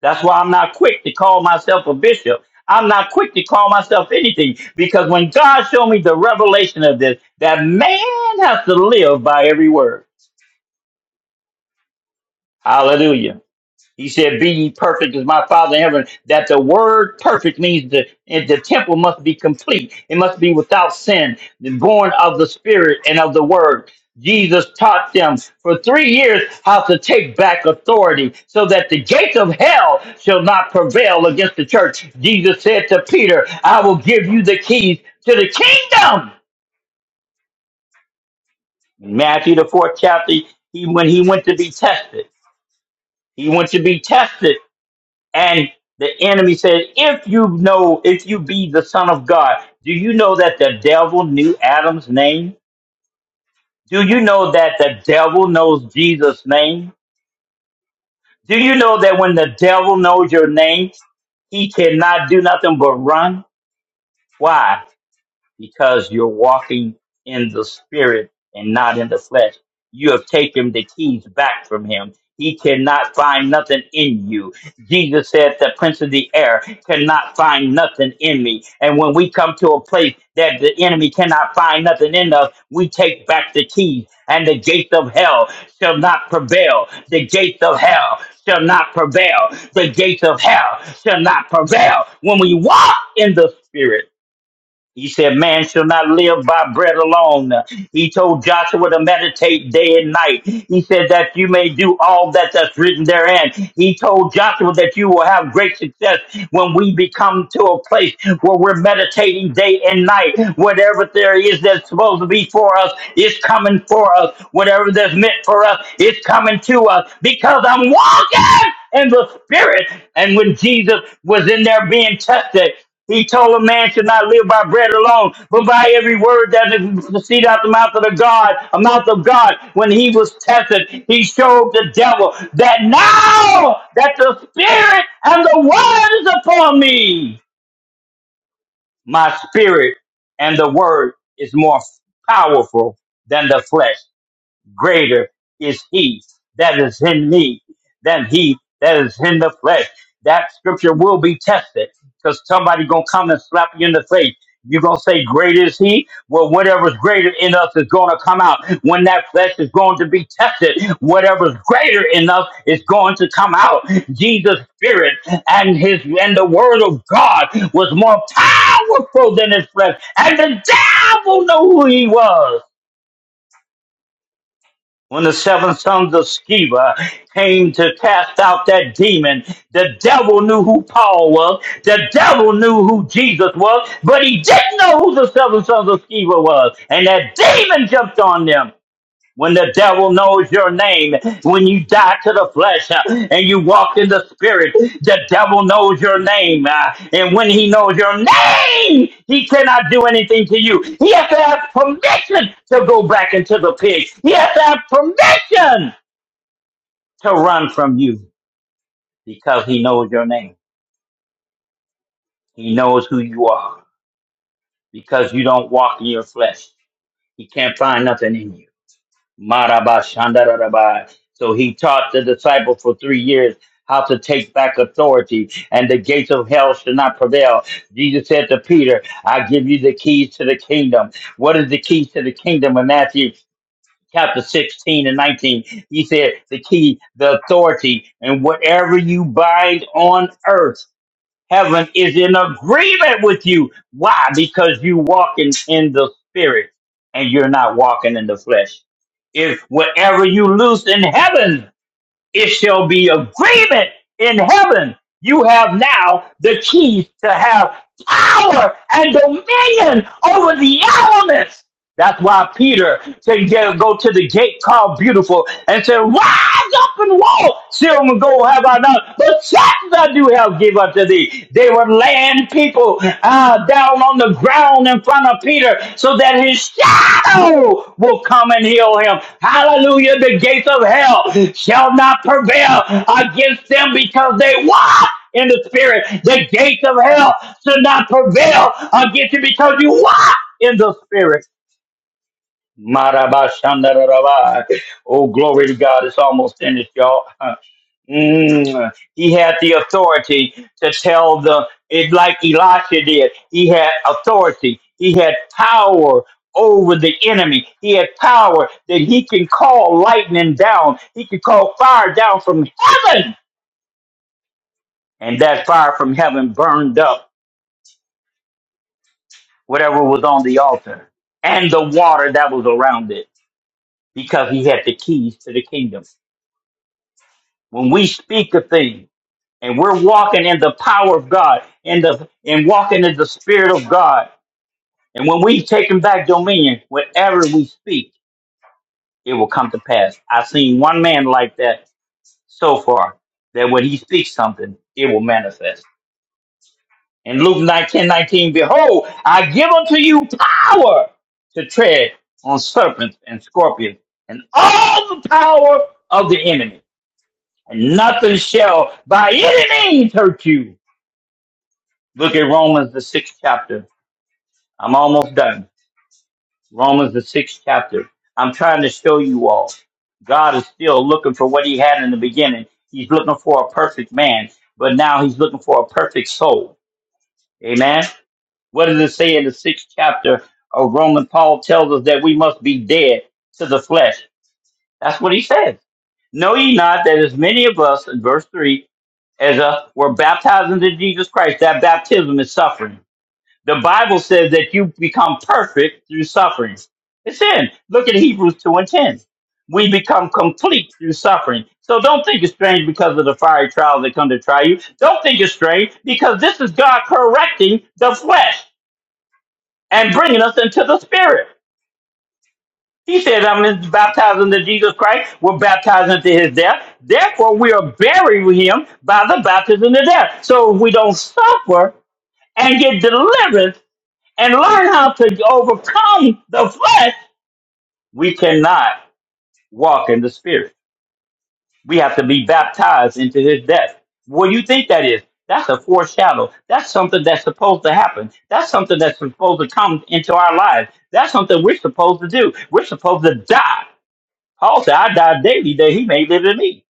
That's why I'm not quick to call myself a bishop. I'm not quick to call myself anything because when God showed me the revelation of this, that man has to live by every word. Hallelujah. He said, Be ye perfect as my Father in heaven. That the word perfect means the, the temple must be complete. It must be without sin, born of the Spirit and of the Word. Jesus taught them for three years how to take back authority so that the gates of hell shall not prevail against the church. Jesus said to Peter, I will give you the keys to the kingdom. In Matthew, the fourth chapter, he, when he went to be tested, he went to be tested And the enemy said, If you know, if you be the Son of God, do you know that the devil knew Adam's name? Do you know that the devil knows Jesus' name? Do you know that when the devil knows your name, he cannot do nothing but run? Why? because you're walking in the spirit and not in the flesh. You have taken the keys back from him. He cannot find nothing in you. Jesus said, The prince of the air cannot find nothing in me. And when we come to a place that the enemy cannot find nothing in us, we take back the keys, and the gates of hell shall not prevail. The gates of hell shall not prevail. The gates of hell shall not prevail. When we walk in the spirit, he said, Man shall not live by bread alone. He told Joshua to meditate day and night. He said that you may do all that that's written therein. He told Joshua that you will have great success when we become to a place where we're meditating day and night. Whatever there is that's supposed to be for us is coming for us. Whatever that's meant for us is coming to us because I'm walking in the spirit. And when Jesus was in there being tested, he told a man should not live by bread alone, but by every word that proceeded out the mouth of the God, a mouth of God. When he was tested, he showed the devil that now that the Spirit and the Word is upon me, my Spirit and the Word is more powerful than the flesh greater is he that is in me than he that is in the flesh. That scripture will be tested because somebody gonna come and slap you in the face. You're gonna say, Greater is he? Well, whatever's greater in us is gonna come out. When that flesh is going to be tested, whatever's greater in us is going to come out. Jesus' spirit and his and the word of God was more powerful than his flesh. And the devil knew who he was when the seven sons of Sceva came to cast out that demon, the devil knew who Paul was. The devil knew who Jesus was, but he didn't know who the seven sons of Sceva was. And that demon jumped on them when the devil knows your name, when you die to the flesh uh, and you walk in the spirit, the devil knows your name. uh, and when he knows your name, he cannot do anything to you. He has to have permission to go back into the pit. He has to have permission to run from you because he knows your name. He knows who you are because you don't walk in your flesh. He can't find nothing in you. Maraba shandararaba. So he taught the disciples for three years how to take back authority, and the gates of hell should not prevail. Jesus said to Peter, I give you the keys to the kingdom. What is the keys to the kingdom in Matthew? Chapter 16 and 19, he said, The key, the authority, and whatever you bind on earth Heaven is in agreement with you. Why? Because you walking in the spirit and you're not walking in the flesh. If whatever you loose in heaven, it shall be agreement in heaven. You have now the keys to have power and dominion over the elements. That's why Peter said, yeah, go to the gate called beautiful and said, rise up and walk. Silver and gold have I not, but shackles I do have give unto thee. They were laying people uh, down on the ground in front of Peter so that his shadow will come and heal him. Hallelujah. The gates of hell shall not prevail against them because they walk in the spirit. The gates of hell should not prevail against you because you walk in the spirit. Marabashandarabba. Oh, glory to God. It's almost finished, y'all. Mm. He had the authority to tell the, it like Elisha did. He had authority. He had power over the enemy. He had power that he can call lightning down. He can call fire down from heaven. And that fire from heaven burned up whatever was on the altar and the water that was around it because he had the keys to the kingdom. when we speak a thing and we're walking in the power of God and the and walking in the spirit of God, and when we taking back dominion, whatever we speak, it will come to pass. I've seen one man like that so far that when he speaks something, it will manifest. In Luke 19, nineteen, behold, I give unto you power to tread on serpents and scorpions and all the power of the enemy, and nothing shall by any means hurt you Look at Romans, the sixth chapter. I'm almost done. Romans, the sixth chapter. I'm trying to show you all. God is still looking for what he had in the beginning. He's looking for a perfect man, but now he's looking for a perfect soul. Amen. What does it say in the sixth chapter of Romans? Paul tells us that we must be dead to the flesh. That's what he says. Know ye not that as many of us, in verse 3, as uh, were baptized into Jesus Christ, that baptism is suffering. The Bible says that you become perfect through suffering. It's in. Look at Hebrews 2 and 10. We become complete through suffering. So don't think it's strange because of the fiery trials that come to try you. Don't think it's strange because this is God correcting the flesh and bringing us into the spirit. He said, I'm gonna baptize into Jesus Christ. We're baptized into his death. Therefore, we are buried with him by the baptism of death. So if we don't suffer and get delivered." and learn how to overcome the flesh, we cannot walk in the spirit. We have to be baptized into his death. What do you think that is? That's a foreshadow. That's something that's supposed to happen. That's something that's supposed to come into our lives. That's something we're supposed to do. We're supposed to die. Paul said, I die daily that he may live in me.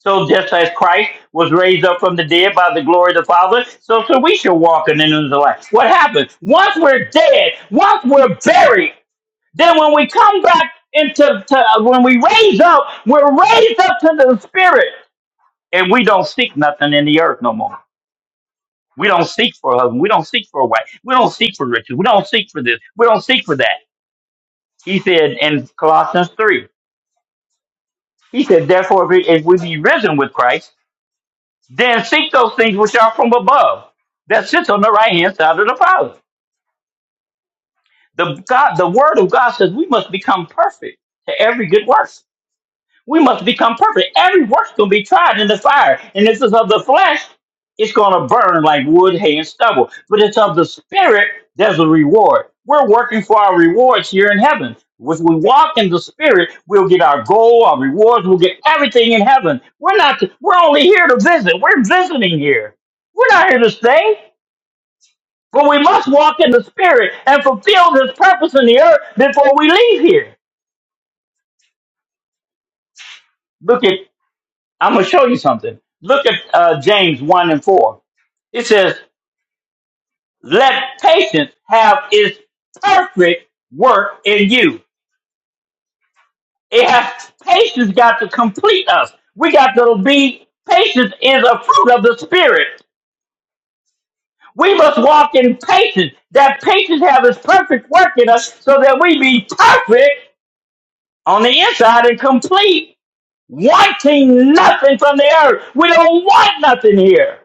So just as Christ was raised up from the dead by the glory of the Father, so, so we should walk in the newness of life. What happens? Once we're dead, once we're buried, Then when we come back into to, when we raise up, we're raised up to the spirit, and we don't seek nothing in the earth no more. We don't seek for a husband. We don't seek for a wife. We don't seek for riches. We don't seek for this. We don't seek for that. He said in Colossians three. He said, therefore, if we, if we be risen with Christ, then seek those things which are from above, that sits on the right hand side of the Father. The God, the Word of God says we must become perfect to every good work. We must become perfect. Every work's going to be tried in the fire. And this is of the flesh, it's going to burn like wood, hay, and stubble. But it's of the spirit, there's a reward. We're working for our rewards here in heaven. If we walk in the spirit, we'll get our goal, our rewards, we'll get everything in heaven. We're not, we're only here to visit. We're visiting here. We're not here to stay. But we must walk in the spirit and fulfill this purpose in the earth before we leave here. Look at I'm going to show you something. Look at uh, James 1 and 4. It says, Let patience have its perfect work in you. It has patience got to complete us. We got to be patience is a fruit of the spirit. We must walk in patience. That patience have its perfect work in us so that we be perfect on the inside and complete, wanting nothing from the earth. We don't want nothing here.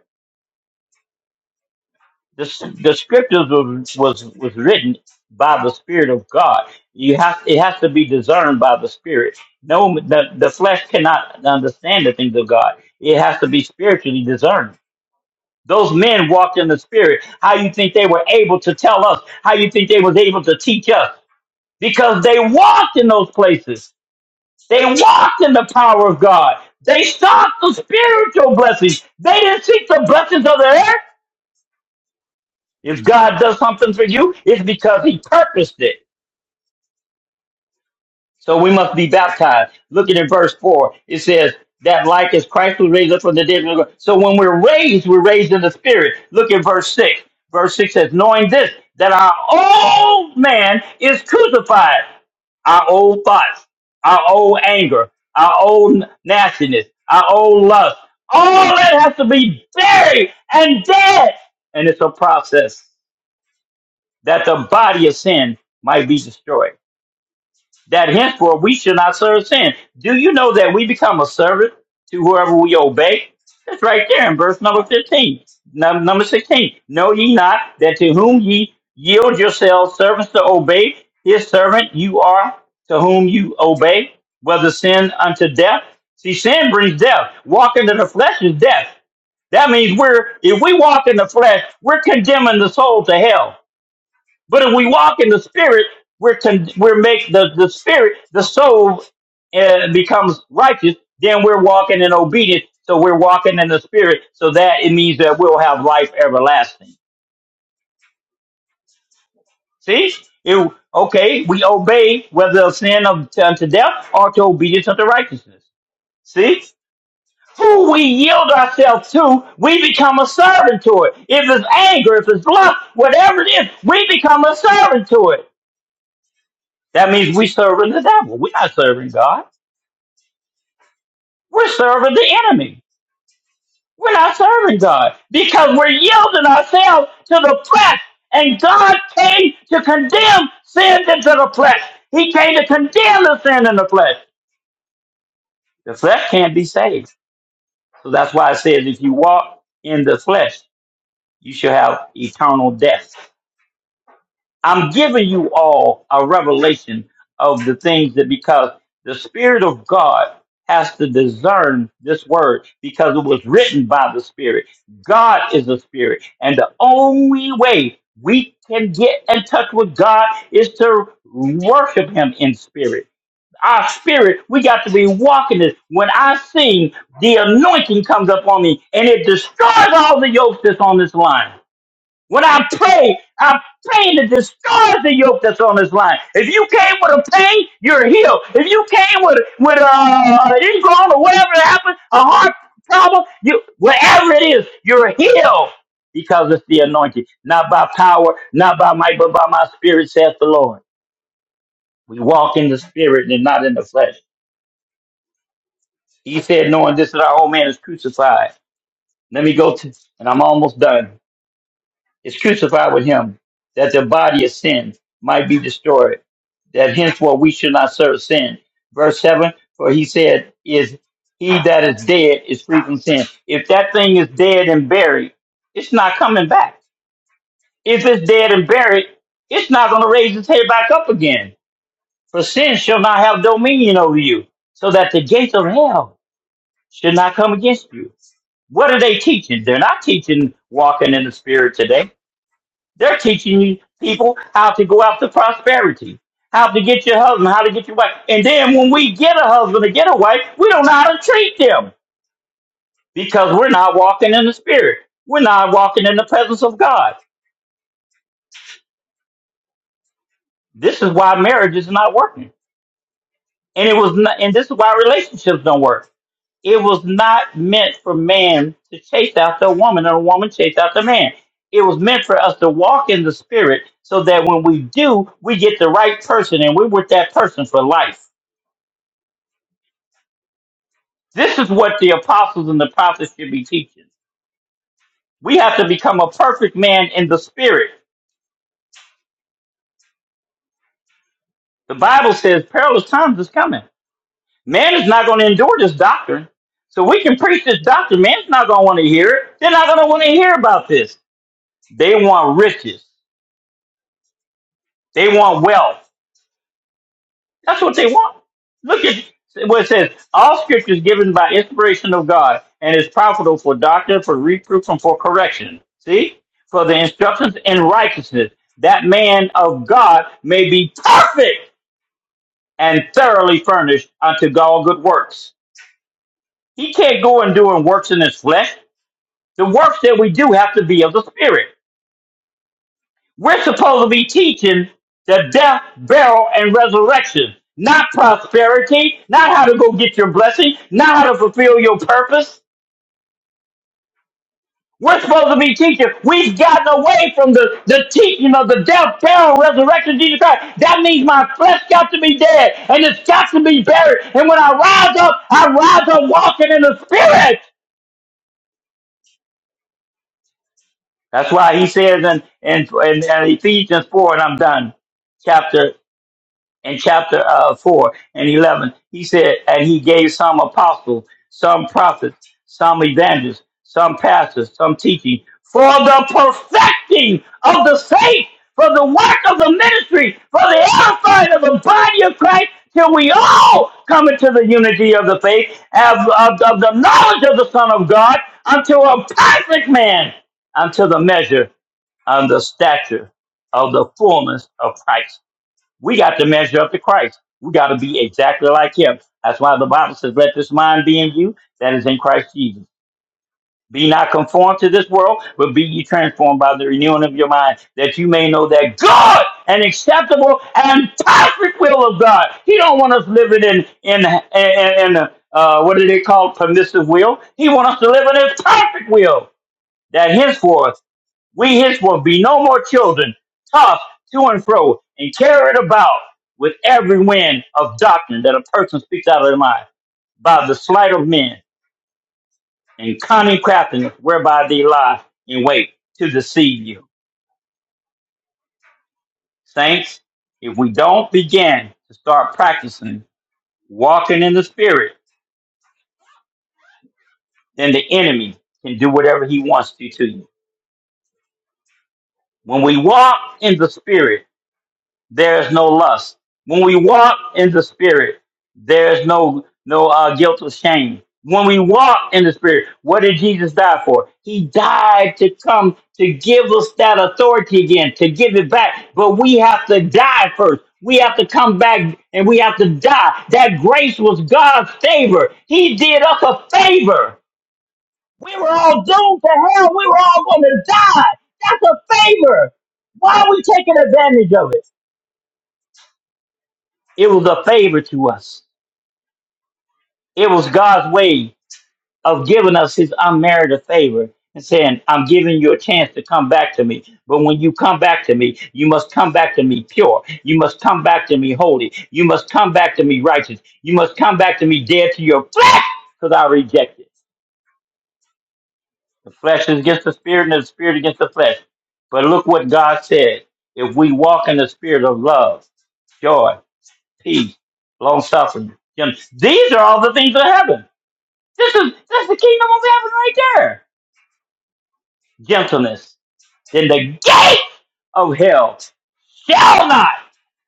the, the scriptures was, was was written by the spirit of god you have it has to be discerned by the spirit no the, the flesh cannot understand the things of god it has to be spiritually discerned those men walked in the spirit how you think they were able to tell us how you think they was able to teach us because they walked in those places they walked in the power of god they sought the spiritual blessings they didn't seek the blessings of the earth If God does something for you, it's because he purposed it. So we must be baptized. Look at in verse 4. It says, that like as Christ was raised up from the dead. So when we're raised, we're raised in the spirit. Look at verse 6. Verse 6 says, knowing this, that our old man is crucified. Our old thoughts, our old anger, our old nastiness, our old lust. All that has to be buried and dead. And it's a process. that the body of sin might be destroyed. That henceforth we should not serve sin. Do you know that we become a servant to whoever we obey? That's right there in verse number 15. Num- Number 16. Know ye not that to whom ye yield yourselves servants to obey, his servant you are to whom you obey, whether sin unto death? See, sin brings death. Walking in the flesh is death. That means we're, if we walk in the flesh, we're condemning the soul to hell. But if we walk in the spirit, we're con- we're make the, the spirit, the soul uh, becomes righteous, then we're walking in obedience. So we're walking in the spirit. So that it means that we'll have life everlasting. See? It, okay, we obey whether of sin of, unto death or to obedience unto righteousness. See? Who we yield ourselves to, we become a servant to it. If it's anger, if it's lust, whatever it is, we become a servant to it. That means we serving the devil. We're not serving God. We're serving the enemy. We're not serving God because we're yielding ourselves to the flesh. And God came to condemn sin into the flesh. He came to condemn the sin in the flesh. The flesh can't be saved. So that's why it says if you walk in the flesh, you shall have eternal death. I'm giving you all a revelation of the things that because the Spirit of God has to discern this word because it was written by the Spirit. God is a spirit, and the only way we can get in touch with God is to worship Him in spirit. Our spirit, we got to be walking this. When I sing, the anointing comes up on me and it destroys all the yokes that's on this line. When I pray, I pray to destroys the yoke that's on this line. If you came with a pain, you're healed. If you came with with uh, an ingrown or whatever happened, a heart problem, you whatever it is, you're healed because it's the anointing, not by power, not by might, but by my spirit, saith the Lord. We walk in the spirit and not in the flesh. He said, knowing this that our old man is crucified. Let me go to, and I'm almost done. is crucified with him, that the body of sin might be destroyed, that henceforth we should not serve sin. Verse 7 For he said, Is he that is dead is free from sin. If that thing is dead and buried, it's not coming back. If it's dead and buried, it's not going to raise its head back up again. For sin shall not have dominion over you, so that the gates of hell should not come against you. What are they teaching? They're not teaching walking in the spirit today they're teaching you people how to go out to prosperity, how to get your husband, how to get your wife. And then when we get a husband or get a wife, we don't know how to treat them because we're not walking in the spirit. We're not walking in the presence of God. This is why marriage is not working. And it was not, and this is why relationships don't work. It was not meant for man to chase after a woman or a woman chase after a man. It was meant for us to walk in the spirit so that when we do, we get the right person and we're with that person for life This is what the apostles and the prophets should be teaching. We have to become a perfect man in the spirit. The Bible says perilous times is coming. Man is not going to endure this doctrine. So we can preach this doctrine. Man's not going to want to hear it. They're not going to want to hear about this. They want riches. They want wealth. That's what they want. Look at what it says. All scripture is given by inspiration of God and is profitable for doctrine, for reproof, and for correction. See? For the instructions in righteousness, that man of God may be perfect and thoroughly furnished unto all good works. He can't go and doing works in his flesh. The works that we do have to be of the spirit. We're supposed to be teaching the death, burial, and resurrection, not prosperity, not how to go get your blessing, not how to fulfill your purpose. We're supposed to be teaching. We've gotten away from the, the teaching of the death, burial, resurrection of Jesus Christ. That means my flesh got to be dead and it's got to be buried. And when I rise up, I rise up walking in the spirit. That's why he says in, in, in, in Ephesians 4, and I'm done. Chapter in chapter uh, 4 and 11. He said, and he gave some apostles, some prophets, some evangelists, some pastors, some teaching for the perfecting of the faith, for the work of the ministry, for the edifying of the body of Christ, till we all come into the unity of the faith, of, of, of the knowledge of the Son of God, unto a perfect man, unto the measure and the stature of the fullness of Christ we got to measure up to Christ. We got to be exactly like him. That's why the Bible says, Let this mind be in you that is in Christ Jesus. Be not conformed to this world, but be ye transformed by the renewing of your mind, that you may know that good and acceptable and perfect will of God. He don't want us living in in in, in uh, uh, what do they call permissive will? He want us to live in His perfect will. That His for us we his will be no more children, tossed to and fro and carried about with every wind of doctrine that a person speaks out of their mind by the sleight of men and cunning craftiness whereby they lie in wait to deceive you. Saints, if we don't begin to start practicing walking in the spirit, then the enemy can do whatever he wants to to you. When we walk in the spirit, there is no lust. When we walk in the spirit, there is no no uh, guilt or shame. When we walk in the spirit, what did Jesus die for? He died to come to give us that authority again, to give it back. But we have to die first. We have to come back and we have to die. That grace was God's favor. He did us a favor. We were all doomed to hell. We were all going to die. That's a favor. Why are we taking advantage of it? It was a favor to us. It was God's way of giving us his unmerited favor and saying, I'm giving you a chance to come back to me. But when you come back to me, you must come back to me pure. You must come back to me holy. You must come back to me righteous. You must come back to me dead to your flesh because I reject it. The flesh is against the spirit and the spirit against the flesh. But look what God said. If we walk in the spirit of love, joy, peace, long suffering, these are all the things of heaven. This is that's the kingdom of heaven right there. Gentleness. Then the gate of hell shall not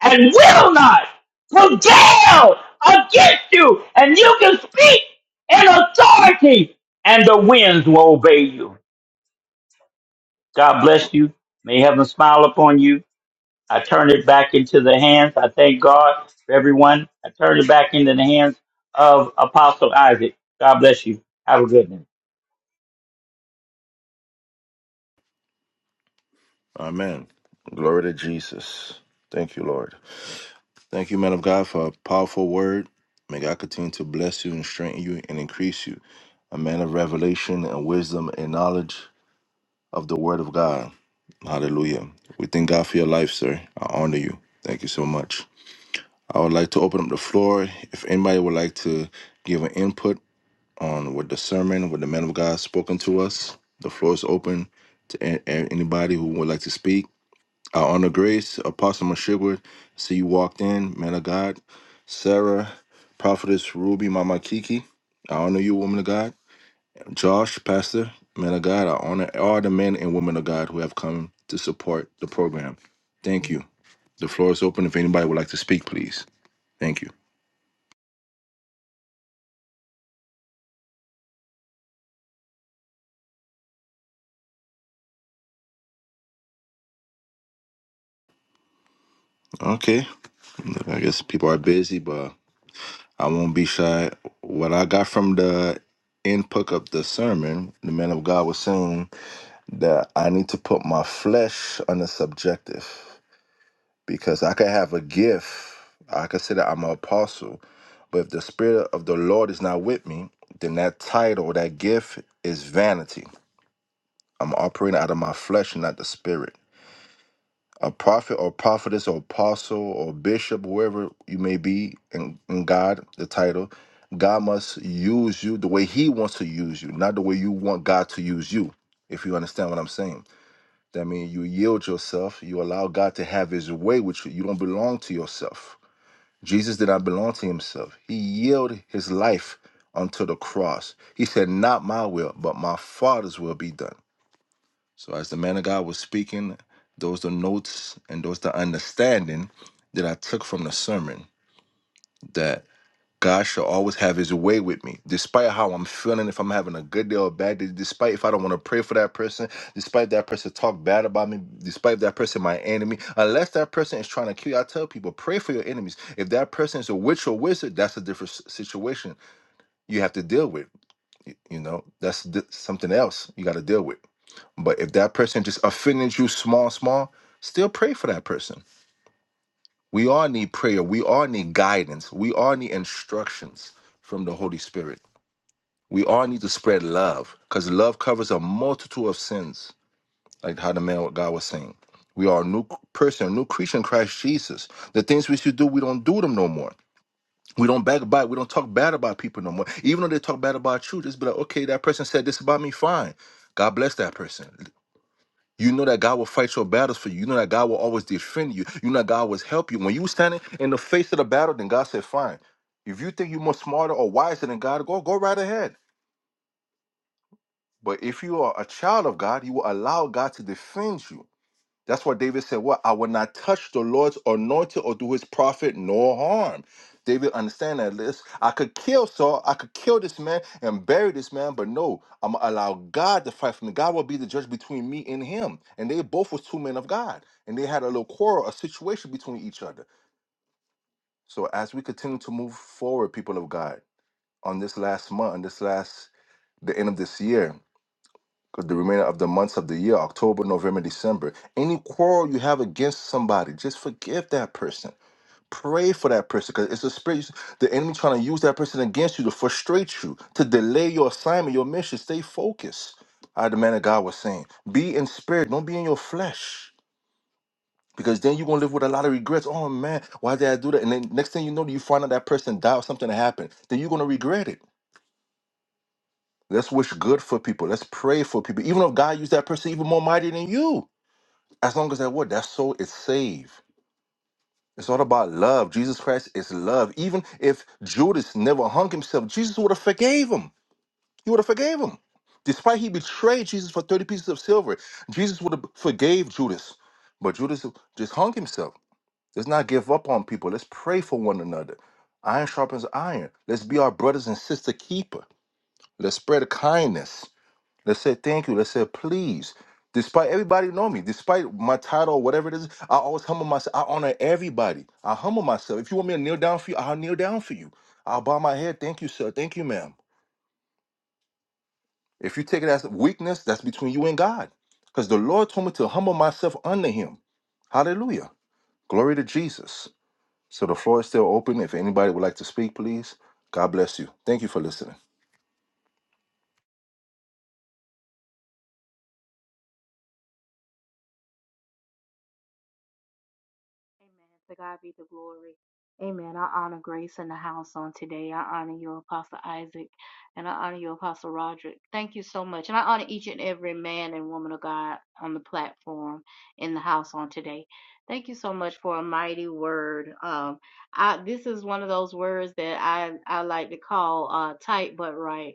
and will not prevail against you, and you can speak in authority, and the winds will obey you. God bless you. May heaven smile upon you. I turn it back into the hands. I thank God for everyone. I turn it back into the hands of Apostle Isaac. God bless you. Have a good one. Amen. Glory to Jesus. Thank you, Lord. Thank you, man of God, for a powerful word. May God continue to bless you and strengthen you and increase you. A man of revelation and wisdom and knowledge of the Word of God. Hallelujah. We thank God for your life, sir. I honor you. Thank you so much. I would like to open up the floor. If anybody would like to give an input on what the sermon, what the man of God spoken to us, the floor is open to a- a- anybody who would like to speak. I honor Grace, Apostle Mashigwa. See you walked in, man of God. Sarah, Prophetess Ruby, Mama Kiki. I honor you, woman of God. Josh, Pastor, man of God, I honor all the men and women of God who have come to support the program. Thank you. The floor is open if anybody would like to speak, please. Thank you. Okay. Look, I guess people are busy, but I won't be shy. What I got from the input of the sermon, the man of God was saying that I need to put my flesh on the subjective. because I could have a gift. I consider I'm an apostle, but if the spirit of the Lord is not with me, then that title, that gift, is vanity. I'm operating out of my flesh, and not the spirit. A prophet or prophetess or apostle or bishop, whoever you may be in, in God, the title, God must use you the way He wants to use you, not the way you want God to use you. If you understand what I'm saying, that means you yield yourself, you allow God to have His way with you. You don't belong to yourself Jesus did not belong to himself. He yielded his life unto the cross. He said, Not my will, but my Father's will be done. So, as the man of God was speaking, those the notes and those the understanding that I took from the sermon. That. God shall always have his way with me. Despite how I'm feeling, if I'm having a good day or a bad day, despite if I don't want to pray for that person, despite that person talk bad about me, despite that person my enemy, unless that person is trying to kill you, I tell people, pray for your enemies. If that person is a witch or wizard, that's a different s- situation you have to deal with. y- You know, that's di- something else you got to deal with. But if that person just offended you small, small, still pray for that person. We all need prayer. We all need guidance. We all need instructions from the Holy Spirit we all need to spread love because love covers a multitude of sins, like how the man what God was saying. We are a new person, a new creature in Christ Jesus. The things we should do, we don't do them no more. We don't backbite. We don't talk bad about people no more. Even though they talk bad about you, just be like, okay, that person said this about me. Fine. God bless that person. You know that God will fight your battles for you. You know that God will always defend you. You know that God will help you. When you standing in the face of the battle, then God said, fine. If you think you're more smarter or wiser than God, go go right ahead. But if you are a child of God, you will allow God to defend you. That's why David said, What? I will not touch the Lord's anointed or do his prophet no harm. David understand that this. I could kill Saul, I could kill this man and bury this man, but no, I'm gonna allow God to fight for me. God will be the judge between me and him. And they both was two men of God. And they had a little quarrel, a situation between each other. So as we continue to move forward, people of God, on this last month, on this last the end of this year, because the remainder of the months of the year October, November, December any quarrel you have against somebody, just forgive that person. Pray for that person because it's a spirit. The enemy trying to use that person against you to frustrate you, to delay your assignment, your mission. Stay focused. I the man of God was saying, be in spirit, don't be in your flesh. Because then you're gonna live with a lot of regrets. Oh man, why did I do that? And then next thing you know, you find out that person died or something that happened. Then you're gonna regret it. Let's wish good for people. Let's pray for people. Even if God used that person even more mighty than you. as long as that word, that soul is saved. It's all about love. Jesus Christ is love. Even if Judas never hung himself, Jesus would have forgave him. He would have forgave him. Despite he betrayed Jesus for 30 pieces of silver, Jesus would have forgave Judas. But Judas just hung himself. Let's not give up on people. Let's pray for one another. Iron sharpens iron. Let's be our brothers and sister keeper. Let's spread kindness. Let's say thank you. Let's say please. Despite everybody know me, despite my title, whatever it is, I always humble myself. I honor everybody. I humble myself. If you want me to kneel down for you, I'll kneel down for you. I'll bow my head. Thank you, sir. Thank you, ma'am. If you take it as weakness, that's between you and God. Because the Lord told me to humble myself under him. Hallelujah. Glory to Jesus. So the floor is still open. If anybody would like to speak, please. God bless you. Thank you for listening. Amen. To God be the glory. Amen. I honor Grace in the house on today. I honor you, Apostle Isaac, and I honor you, Apostle Roderick. Thank you so much. And I honor each and every man and woman of God on the platform in the house on today. Thank you so much for a mighty word. Um, I, this is one of those words that I, I like to call uh, tight but right.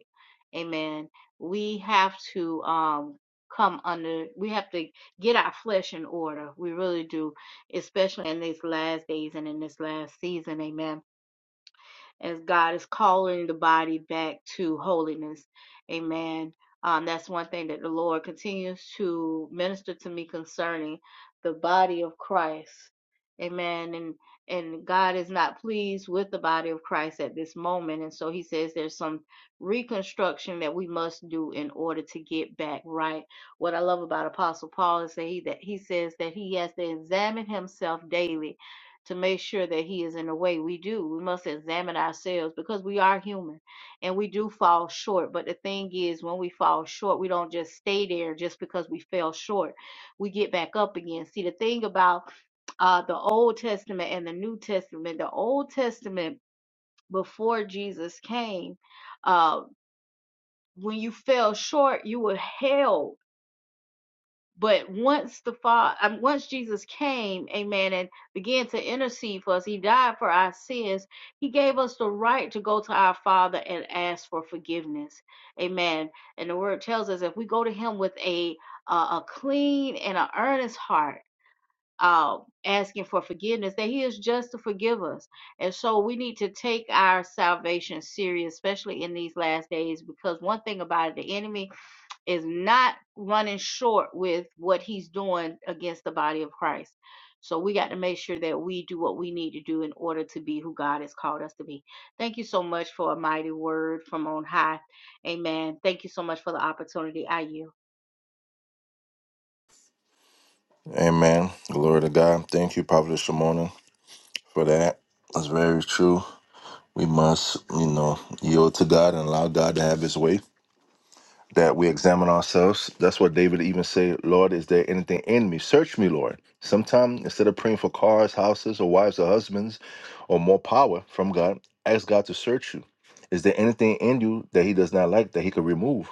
Amen. We have to um, come under, we have to get our flesh in order. We really do especially in these last days and in this last season. Amen as God is calling the body back to holiness. Amen. Um, that's one thing that the Lord continues to minister to me concerning the body of Christ. Amen. And and God is not pleased with the body of Christ at this moment. And so he says there's some reconstruction that we must do in order to get back right. What I love about Apostle Paul is that he that he says that he has to examine himself daily to make sure that he is in the way. We do. We must examine ourselves because we are human and we do fall short. But the thing is, when we fall short, we don't just stay there just because we fell short. We get back up again. See, the thing about uh, the Old Testament and the New Testament, the Old Testament before Jesus came, uh, when you fell short, you were held but once the Father, um, once Jesus came, Amen, and began to intercede for us, He died for our sins. He gave us the right to go to our Father and ask for forgiveness, Amen. And the Word tells us if we go to Him with a uh, a clean and an earnest heart, uh, asking for forgiveness, that He is just to forgive us. And so we need to take our salvation serious, especially in these last days, because one thing about it, the enemy is not running short with what he's doing against the body of Christ. So we got to make sure that we do what we need to do in order to be who God has called us to be. Thank you so much for a mighty word from on high. Amen. Thank you so much for the opportunity. I you. Amen. Glory to God. Thank you, Prophet Shimona, for that. That's very true. We must, you know, yield to God and allow God to have his way. That we examine ourselves. That's what David even said, Lord, is there anything in me? Search me, Lord. Sometimes, instead of praying for cars, houses, or wives or husbands or more power from God, ask God to search you. Is there anything in you that he does not like that he could remove?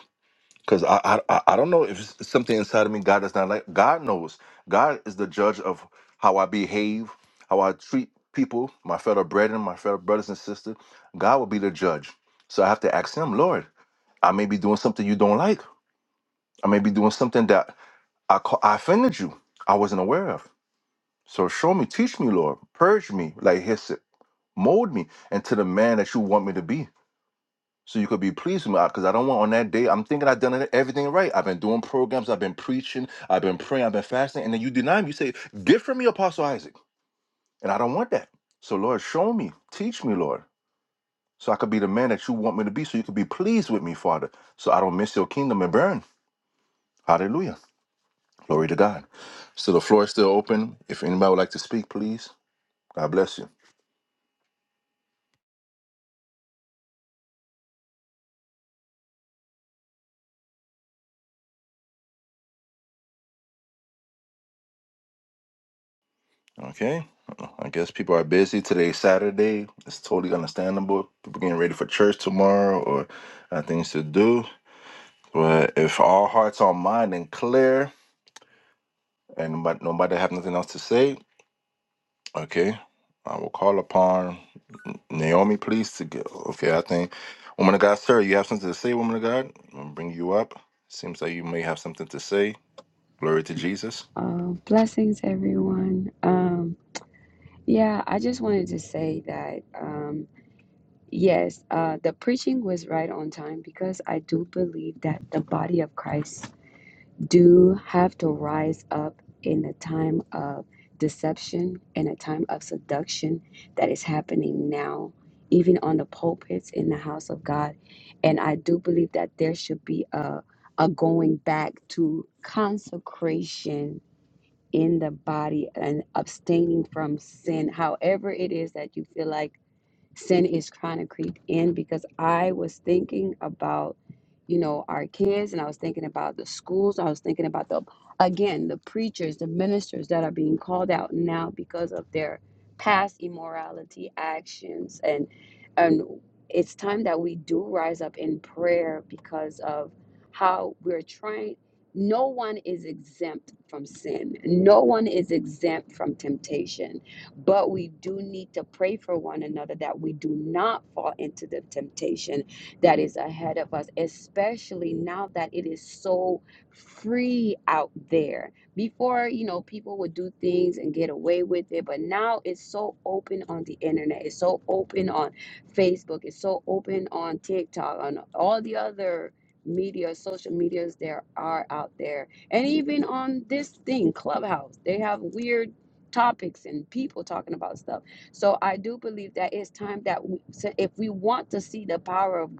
Because I, I I I don't know if it's something inside of me God does not like. God knows. God is the judge of how I behave, how I treat people, my fellow brethren, my fellow brothers and sisters. God will be the judge. So I have to ask Him, Lord, I may be doing something you don't like. I may be doing something that I ca I offended you. I wasn't aware of. So show me, teach me, Lord, purge me, like He said, mold me into the man that you want me to be so you could be pleased with me because I don't want on that day. I'm thinking I've done it- everything right. I've been doing programs, I've been preaching, I've been praying, I've been fasting, and then you deny me. You say, "Get from me, Apostle Isaac," and I don't want that. So Lord, show me, teach me, Lord, so I could be the man that you want me to be, so you could be pleased with me, Father, so I don't miss your kingdom and burn. Hallelujah, glory to God. So the floor is still open. If anybody would like to speak, please. God bless you. Okay. I guess people are busy. Today's Saturday. It's totally understandable. People getting ready for church tomorrow or uh, things to do. But if all hearts are mine and clear and but nobody have nothing else to say, okay. I will call upon Naomi, please, to go. Okay, I think, woman of God, sir, you have something to say, woman of God? I'm going to bring you up. Seems like you may have something to say. Glory to Jesus. Uh, blessings, everyone. Um, yeah, I just wanted to say that, um, yes, uh, the preaching was right on time because I do believe that the body of Christ do have to rise up in a time of deception and a time of seduction that is happening now, even on the pulpits in the house of God. And I do believe that there should be a, a going back to consecration in the body and abstaining from sin, however it is that you feel like sin is trying to creep in because I was thinking about, you know, our kids and I was thinking about the schools. I was thinking about the, again, the preachers, the ministers that are being called out now because of their past immorality actions. And, and it's time that we do rise up in prayer because of how we're trying. No one is exempt from sin. No one is exempt from temptation but we do need to pray for one another that we do not fall into the temptation that is ahead of us, especially now that it is so free out there. Before, you know, people would do things and get away with it, but now it's so open on the internet. It's so open on Facebook. It's so open on TikTok, on all the other media, social medias there are out there. And even on this thing, Clubhouse, they have weird topics and people talking about stuff. So I do believe that it's time that we, so if we want to see the power of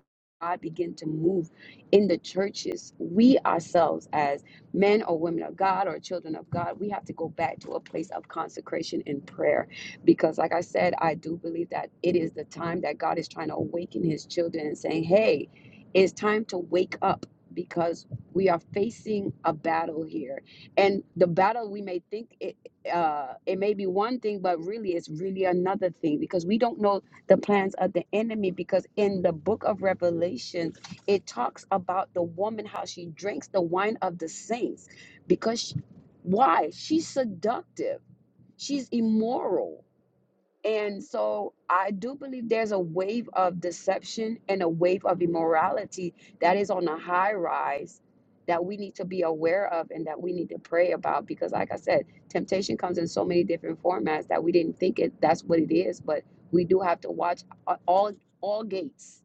God begin to move in the churches, we ourselves as men or women of God or children of God, we have to go back to a place of consecration and prayer. Because, like I said, I do believe that it is the time that God is trying to awaken his children and saying, hey, it's time to wake up because we are facing a battle here and the battle we may think it uh it may be one thing but really it's really another thing because we don't know the plans of the enemy because in the book of revelation it talks about the woman how she drinks the wine of the saints because she- why she's seductive she's immoral and so I do believe there's a wave of deception and a wave of immorality that is on a high rise that we need to be aware of and that we need to pray about because like I said, temptation comes in so many different formats that we didn't think it that's what it is, but we do have to watch a- all all gates.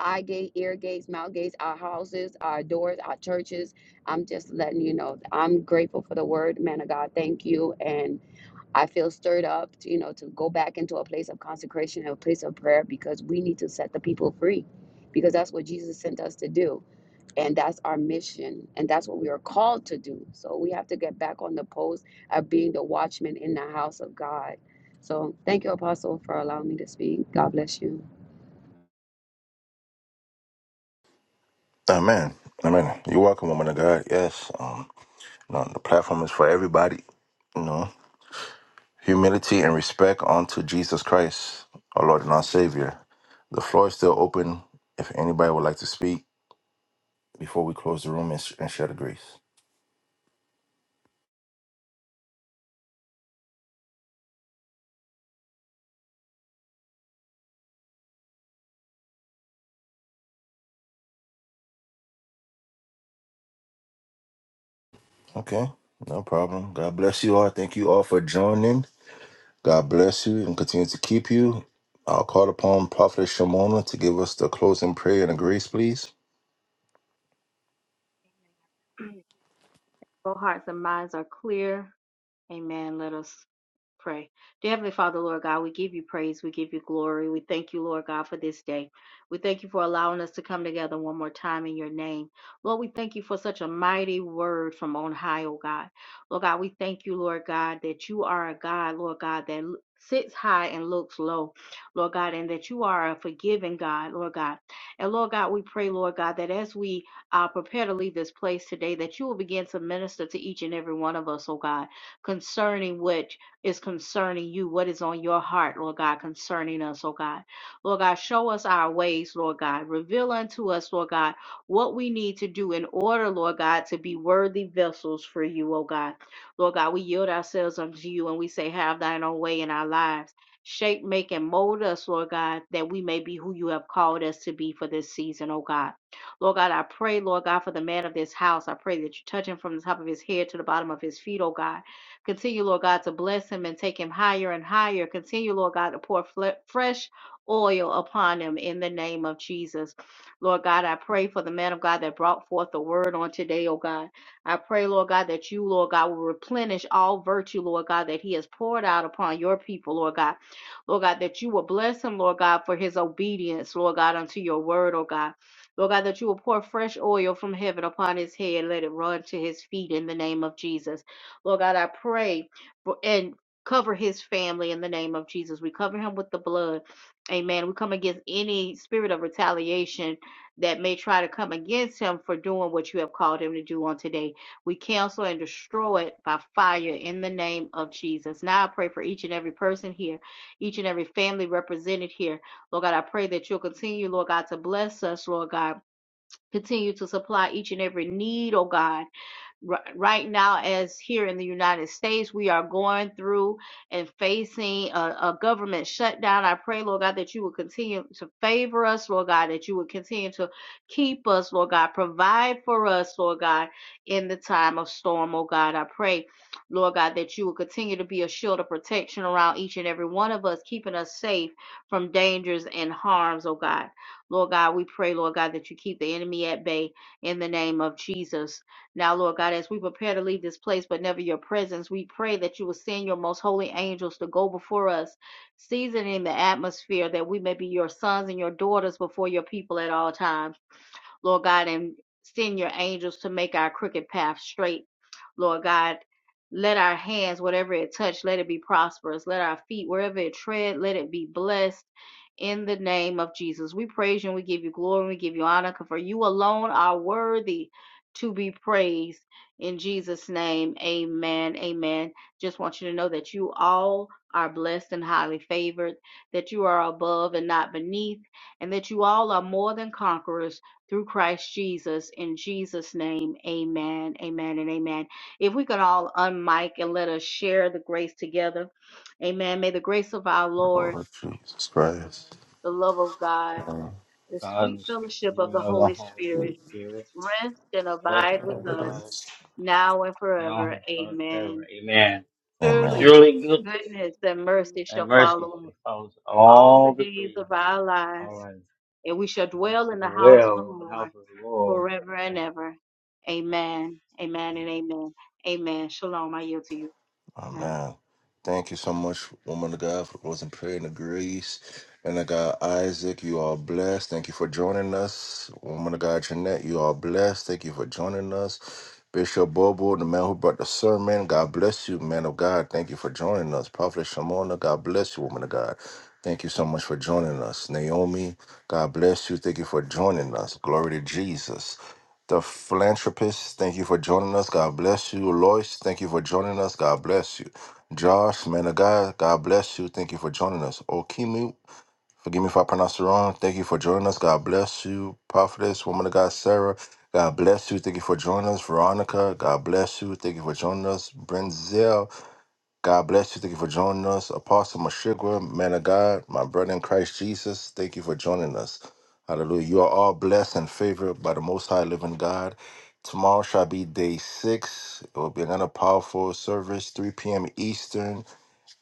Eye gate, ear gates, mouth gates, our houses, our doors, our churches. I'm just letting you know. I'm grateful for the word, man of God. Thank you. and. I feel stirred up, to, you know, to go back into a place of consecration and a place of prayer because we need to set the people free because that's what Jesus sent us to do. And that's our mission. And that's what we are called to do. So we have to get back on the post of being the watchman in the house of God. So thank you, Apostle, for allowing me to speak. God bless you. Amen. Amen. You're welcome, woman of God. Yes. Um. You know, the platform is for everybody. You know, humility and respect unto Jesus Christ, our Lord and our Savior. The floor is still open if anybody would like to speak before we close the room and, sh- and share the grace. Okay, no problem. God bless you all. Thank you all for joining. God bless you and continue to keep you. I'll call upon Prophet Shimona to give us the closing prayer and the grace, please. Both hearts and minds are clear. Amen. Let us pray. Dear Heavenly Father, Lord God, we give you praise. We give you glory. We thank you, Lord God, for this day. We thank you for allowing us to come together one more time in your name. Lord, we thank you for such a mighty word from on high, oh God. Lord God, we thank you, Lord God, that you are a God, Lord God, that l- sits high and looks low, Lord God, and that you are a forgiving God, Lord God. And Lord God, we pray, Lord God, that as we uh, prepare to leave this place today, that you will begin to minister to each and every one of us, oh God, concerning which is concerning you, what is on your heart, Lord God, concerning us, oh God. Lord God, show us our ways, Lord God. Reveal unto us, Lord God, what we need to do in order, Lord God, to be worthy vessels for you, oh God. Lord God, we yield ourselves unto you and we say, Have thine own way in our lives. Shape, make, and mold us, Lord God, that we may be who you have called us to be for this season, oh God. Lord God, I pray, Lord God, for the man of this house. I pray that you touch him from the top of his head to the bottom of his feet, oh God. Continue, Lord God, to bless him and take him higher and higher. Continue, Lord God, to pour fresh oil upon him in the name of Jesus. Lord God, I pray for the man of God that brought forth the word on today, oh God. I pray, Lord God, that you, Lord God, will replenish all virtue, Lord God, that he has poured out upon your people, Lord God. Lord God, that you will bless him, Lord God, for his obedience, Lord God, unto your word, oh God. Lord God, that you will pour fresh oil from heaven upon his head. Let it run to his feet in the name of Jesus. Lord God, I pray for, and cover his family in the name of Jesus. We cover him with the blood. Amen. We come against any spirit of retaliation that may try to come against him for doing what you have called him to do on today. We cancel and destroy it by fire in the name of Jesus. Now I pray for each and every person here, each and every family represented here. Lord God, I pray that you'll continue, Lord God, to bless us, Lord God. Continue to supply each and every need, oh God right now as here in the United States we are going through and facing a, a government shutdown I pray Lord God that you will continue to favor us Lord God that you will continue to keep us Lord God provide for us Lord God in the time of storm oh God I pray Lord God that you will continue to be a shield of protection around each and every one of us keeping us safe from dangers and harms oh God Lord God we pray Lord God that you keep the enemy at bay in the name of Jesus now, Lord God, as we prepare to leave this place, but never your presence, we pray that you will send your most holy angels to go before us, seasoning the atmosphere that we may be your sons and your daughters before your people at all times. Lord God, and send your angels to make our crooked path straight. Lord God, let our hands, whatever it touch, let it be prosperous. Let our feet, wherever it tread, let it be blessed. In the name of Jesus, we praise you and we give you glory and we give you honor, for you alone are worthy to be praised. In Jesus' name, amen. Amen. Just want you to know that you all are blessed and highly favored, that you are above and not beneath, and that you all are more than conquerors through Christ Jesus. In Jesus' name, amen, amen, and amen. If we could all unmic and let us share the grace together, amen. May the grace of our Lord, Lord Jesus Christ. the love of God, Amen. the God sweet is fellowship of you the of the Holy Holy Spirit Spirit, rest and trust abide with and With us knowledge, us. now and now and all forever, his heart forever. amen. Amen. Amen. Surely, Surely goodness goodness and mercy and shall mercy follow us shall follow us all the all the days days. of our lives, All right. and we shall We dwell shall in the house of the dwell in the Lord house of the Lord forever and forever. ever. Amen. Amen and amen. Amen. Shalom. I yield to you. Amen. Amen. Thank you so much, woman of God, for those in prayer and the grace. And I got Isaac, you are blessed. Thank you for joining us. Woman of God, Jeanette, you are blessed. Thank you for joining us. Bishop Bobo, the man who brought the sermon, God bless you, man of God. Thank you for joining us. Prophet Shamona, God bless you, woman of God. Thank you so much for joining us. Naomi, God bless you. Thank you for joining us. Glory to Jesus the philanthropist. Thank you for joining us. God bless you. Lois, thank you for joining us. God bless you. Josh, man of God, God bless you. Thank you for joining us. Okimi, forgive me if I pronounce it wrong. Thank you for joining us. God bless you. Prophetess, woman of God, Sarah, God bless you. Thank you for joining us. Veronica, God bless you. Thank you for joining us. Brenzel, God bless you. Thank you for joining us. Apostle Mashigwa, man of God, my brother in Christ Jesus, thank you for joining us. Hallelujah. You are all blessed and favored by the Most High Living God. Tomorrow shall be day six. It will be another powerful service, 3 p.m. Eastern.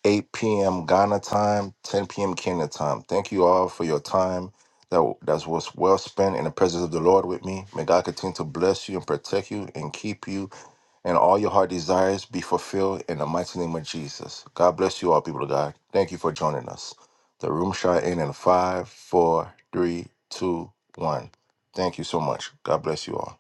8 p.m. Ghana time, 10 p.m. Kenya time. Thank you all for your time that that was well spent in the presence of the Lord with me. May God continue to bless you and protect you and keep you, and all your heart desires be fulfilled in the mighty name of Jesus. God bless you all, people of God. Thank you for joining us. The room shot in in five, four, three, two, one. Thank you so much. God bless you all.